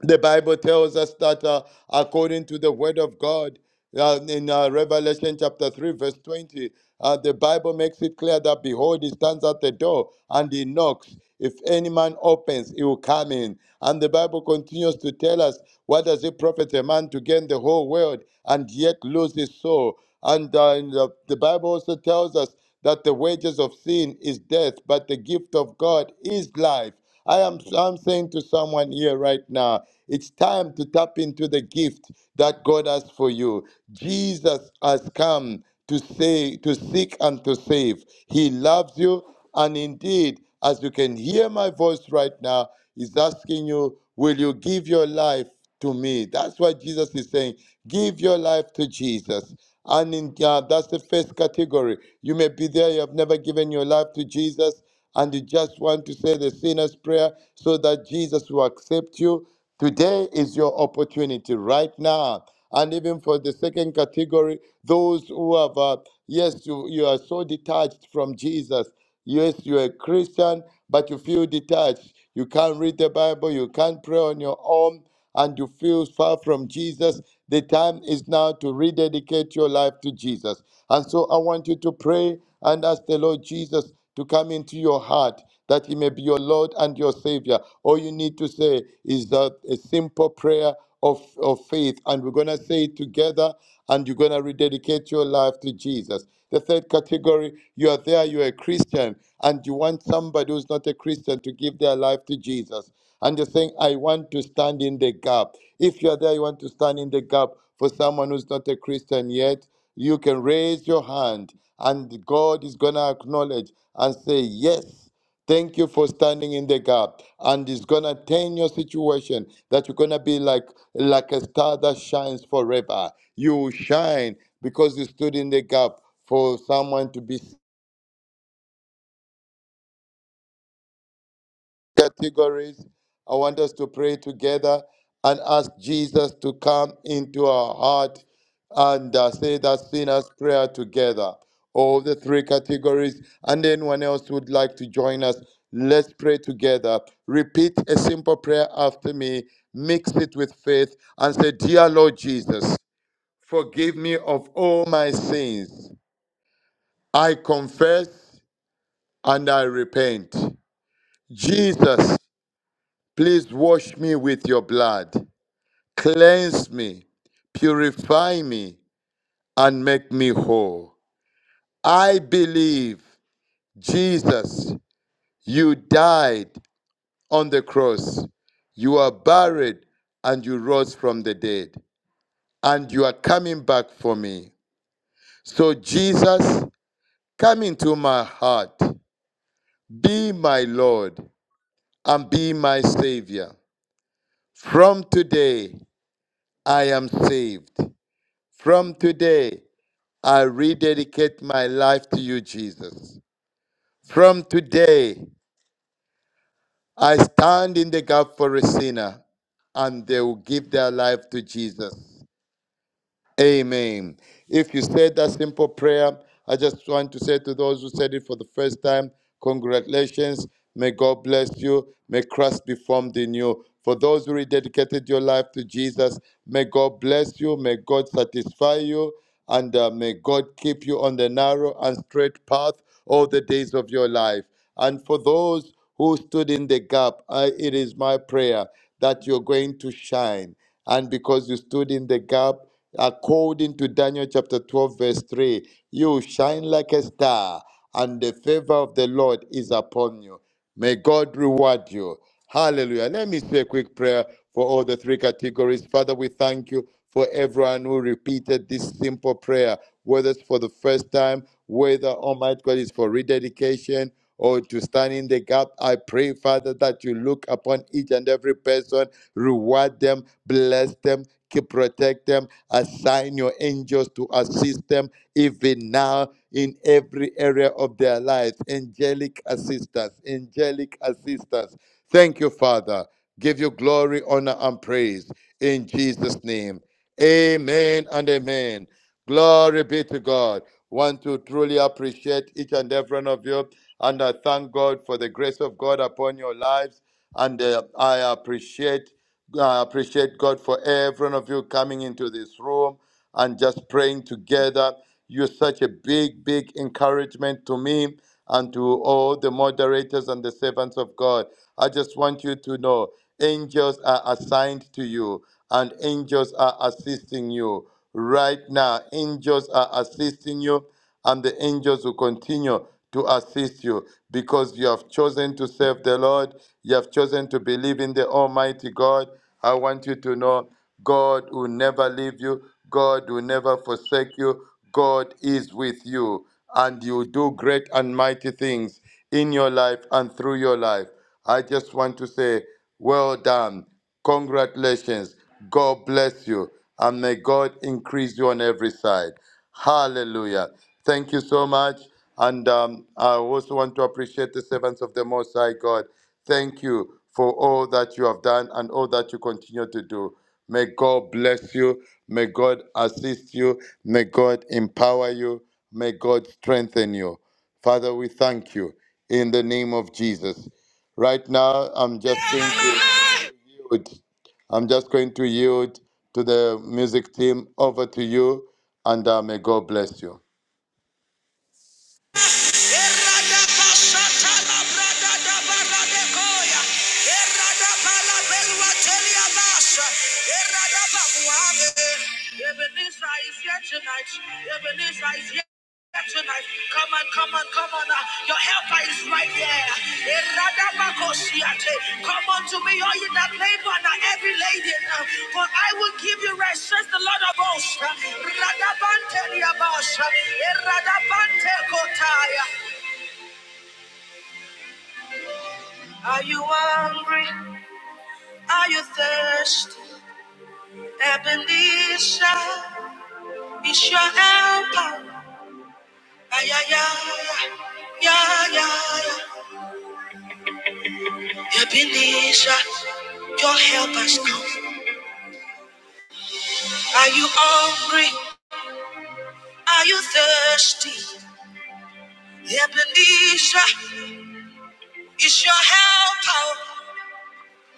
the Bible tells us that uh, according to the Word of God, uh, in uh, Revelation chapter 3, verse 20, uh, the Bible makes it clear that behold, he stands at the door and he knocks. If any man opens, he will come in. And the Bible continues to tell us what does it profit a man to gain the whole world and yet lose his soul? And uh, in the, the Bible also tells us that the wages of sin is death, but the gift of God is life I am I'm saying to someone here right now, it's time to tap into the gift that God has for you. Jesus has come to say to seek and to save. He loves you and indeed as you can hear my voice right now, He's asking you, will you give your life to me? That's what Jesus is saying. Give your life to Jesus. And in, uh, that's the first category. You may be there, you have never given your life to Jesus and you just want to say the sinner's prayer so that Jesus will accept you, today is your opportunity right now. And even for the second category, those who have, uh, yes, you, you are so detached from Jesus. Yes, you're a Christian, but you feel detached. You can't read the Bible, you can't pray on your own and you feel far from Jesus, the time is now to rededicate your life to Jesus. And so I want you to pray and ask the Lord Jesus to come into your heart that he may be your Lord and your Savior. All you need to say is that a simple prayer of, of faith, and we're going to say it together, and you're going to rededicate your life to Jesus. The third category, you are there, you're a Christian, and you want somebody who's not a Christian to give their life to Jesus. And you're saying, I want to stand in the gap. If you're there, you want to stand in the gap for someone who's not a Christian yet, you can raise your hand and God is going to acknowledge and say, Yes, Thank you for standing in the gap. And it's gonna turn your situation that you're gonna be like like a star that shines forever. You will shine because you stood in the gap for someone to be categories. I want us to pray together and ask Jesus to come into our heart and uh, say that sinner's prayer together. All the three categories, and anyone else who would like to join us, let's pray together. Repeat a simple prayer after me, mix it with faith, and say, Dear Lord Jesus, forgive me of all my sins. I confess and I repent. Jesus, Please wash me with your blood, cleanse me, purify me, and make me whole. I believe, Jesus, you died on the cross, you are buried, and you rose from the dead, and you are coming back for me. So, Jesus, come into my heart, be my Lord, and be my Savior. From today, I am saved. From today, I rededicate my life to you, Jesus. From today, I stand in the gap for a sinner and they will give their life to Jesus. Amen. If you said that simple prayer, I just want to say to those who said it for the first time, congratulations. May God bless you. May Christ be formed in you. For those who rededicated your life to Jesus, may God bless you. May God satisfy you. And uh, may God keep you on the narrow and straight path all the days of your life. And for those who stood in the gap, I, it is my prayer that you're going to shine. And because you stood in the gap, according to Daniel chapter 12, verse 3, you shine like a star, and the favor of the Lord is upon you. May God reward you. Hallelujah. Let me say a quick prayer for all the three categories. Father, we thank you for everyone who repeated this simple prayer, whether it's for the first time, whether Almighty God is for rededication or to stand in the gap. I pray, Father, that you look upon each and every person, reward them, bless them. Keep protect them, assign your angels to assist them even now in every area of their lives. Angelic assistance, angelic assistance. Thank you, Father. Give you glory, honor, and praise in Jesus' name. Amen and amen. Glory be to God. Want to truly appreciate each and every one of you. And I thank God for the grace of God upon your lives. And uh, I appreciate. Uh, I appreciate God for every one of you coming into this room and just praying together. You're such a big, big encouragement to me and to all the moderators and the servants of God. I just want you to know angels are assigned to you and angels are assisting you right now. Angels are assisting you and the angels will continue to assist you because you have chosen to serve the Lord. You have chosen to believe in the Almighty God. I want you to know God will never leave you, God will never forsake you. God is with you, and you do great and mighty things in your life and through your life. I just want to say, well done. Congratulations. God bless you. And may God increase you on every side. Hallelujah. Thank you so much. And um, I also want to appreciate the servants of the Most High God. Thank you for all that you have done and all that you continue to do. May God bless you. May God assist you. May God empower you. May God strengthen you. Father, we thank you in the name of Jesus. Right now, I'm just going to
Hallelujah.
yield. I'm just going to yield to the music team. Over to you, and uh, may God bless you.
Tonight, come on, come on, come on. uh, Your helper is right there. Eradabakosiate. Come unto me, all you that labor and are heavy laden, uh, for I will give you rest, says the Lord of hosts. Uh, Radabante liabasha. Eradabante kotaya. Are you hungry? Are you thirsty? Ebenezer is your helper. Ay, ay, ay, ay, ay, ay, ay. Ebenezer, your help has come. Are you hungry? Are you thirsty? Ebenezer, is your help out?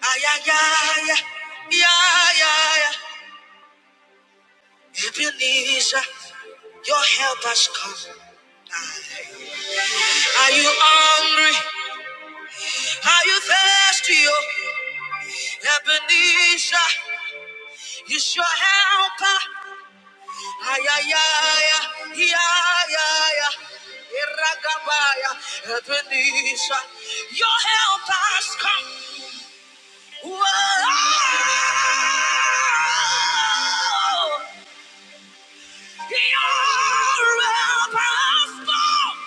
Ay, ay, ay, ay, ay, ay. ay. Ebenezer, your help has come. Ay. Are you hungry? Are you thirsty? Oh, Ebenezer, is your help helper. Ay, ay, ay, ay, ay, ay, ay. Iragabaya, Ebenezer, your help has come. Whoa, your help has come.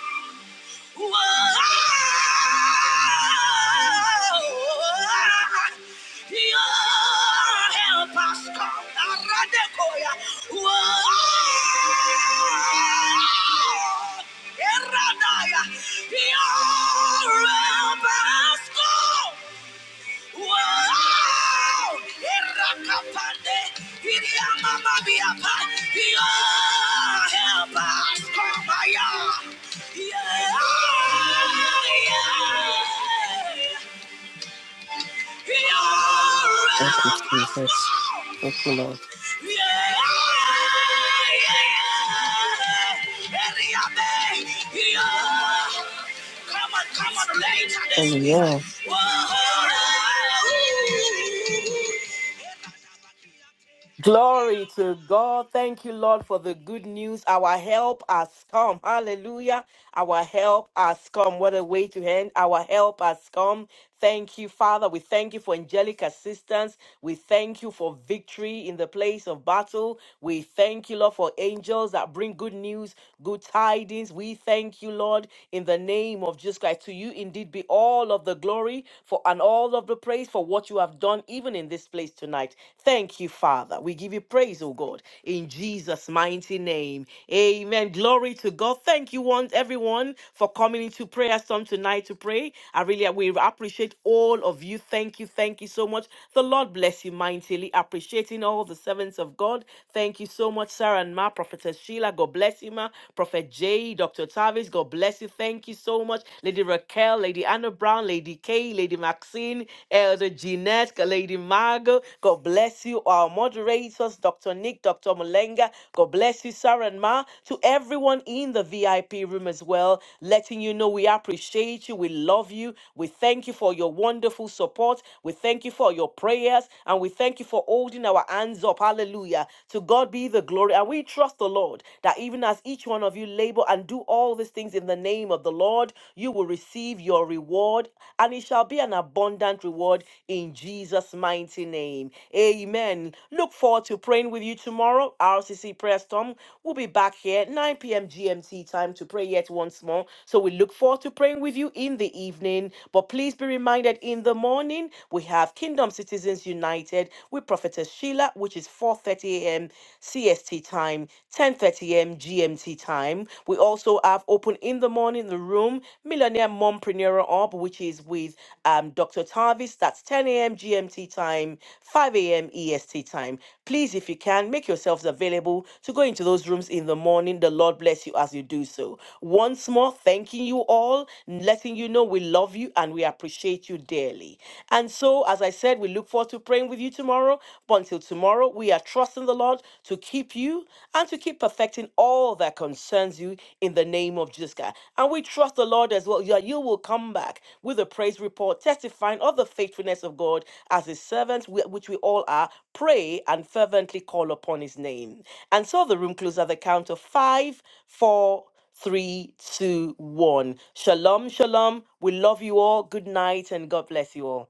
Whoa, Your help us come. Aradekoya. Whoa, Eradaya. Your help us come. Wow! Irakapande, iriamamabiapa. Yeah, help us, Kabaya. Yeah, yeah. Yeah,
Thank you,
help us,
Jesus.
Lord.
Thank you, Lord.
Come on, come on, later this week.
Amen.
Whoa.
Glory to God. Thank you, Lord, for the good news. Our help has come. Hallelujah. Our help has come. What a way to end. Our help has come. Thank you, Father. We thank you for angelic assistance. We thank you for victory in the place of battle. We thank you, Lord, for angels that bring good news, good tidings. We thank you, Lord, in the name of Jesus Christ. To you indeed be all of the glory for and all of the praise for what you have done even in this place tonight. Thank you, Father. We give you praise, oh God, in Jesus' mighty name. Amen. Glory to God. Thank you, once everyone, for coming into prayer storm tonight to pray. I really we appreciate all of you. Thank you. Thank you so much. The Lord bless you mightily. Appreciating all the servants of God. Thank you so much, Sarah and Ma, Prophetess Sheila. God bless you, Ma. Prophet Jay, Dr. Tavis. God bless you. Thank you so much. Lady Raquel, Lady Anna Brown, Lady Kay. Renee, Lady Maxine, Elder Jeanette, Lady Margot. God bless you, our moderators, Dr. Nick, Dr. Mulenga. God bless you, Sarah and Ma. To everyone in the VIP room as well, letting you know we appreciate you, we love you, we thank you for your wonderful support, we thank you for your prayers, and we thank you for holding our hands up. Hallelujah. To God be the glory. And we trust the Lord that even as each one of you labor and do all these things in the name of the Lord, you will receive your reward, and it shall be an abundant reward in Jesus' mighty name. Amen. Look forward to praying with you tomorrow. RCC Prayer Storm will be back here 9 p.m. GMT time to pray yet once more. So we look forward to praying with you in the evening. But please be reminded in the morning we have Kingdom Citizens United with Prophetess Sheila, which is 4:30 a.m. CST time, 10:30 a.m. GMT time room. We also have open in the morning the room, Millionaire Mompreneur Up, which is with um, Dr. Tarvis. That's 10 a.m. GMT time, 5 a.m. EST time. Please, if you can, make yourselves available to go into those rooms in the morning. The Lord bless you as you do so. Once more, thanking you all, letting you know we love you and we appreciate you dearly. And so, as I said, we look forward to praying with you tomorrow. But until tomorrow, we are trusting the Lord to keep you and to keep perfecting all that concerns you in the name of Jesus Christ. And we trust the Lord as well. Yeah, you will come back with a praise report testifying of the faithfulness of God as his servants, wh- which we all are, pray and fervently call upon his name. And so the room closes at the count of five, four, three, two, one. Shalom, shalom. We love you all. Good night and God bless you all.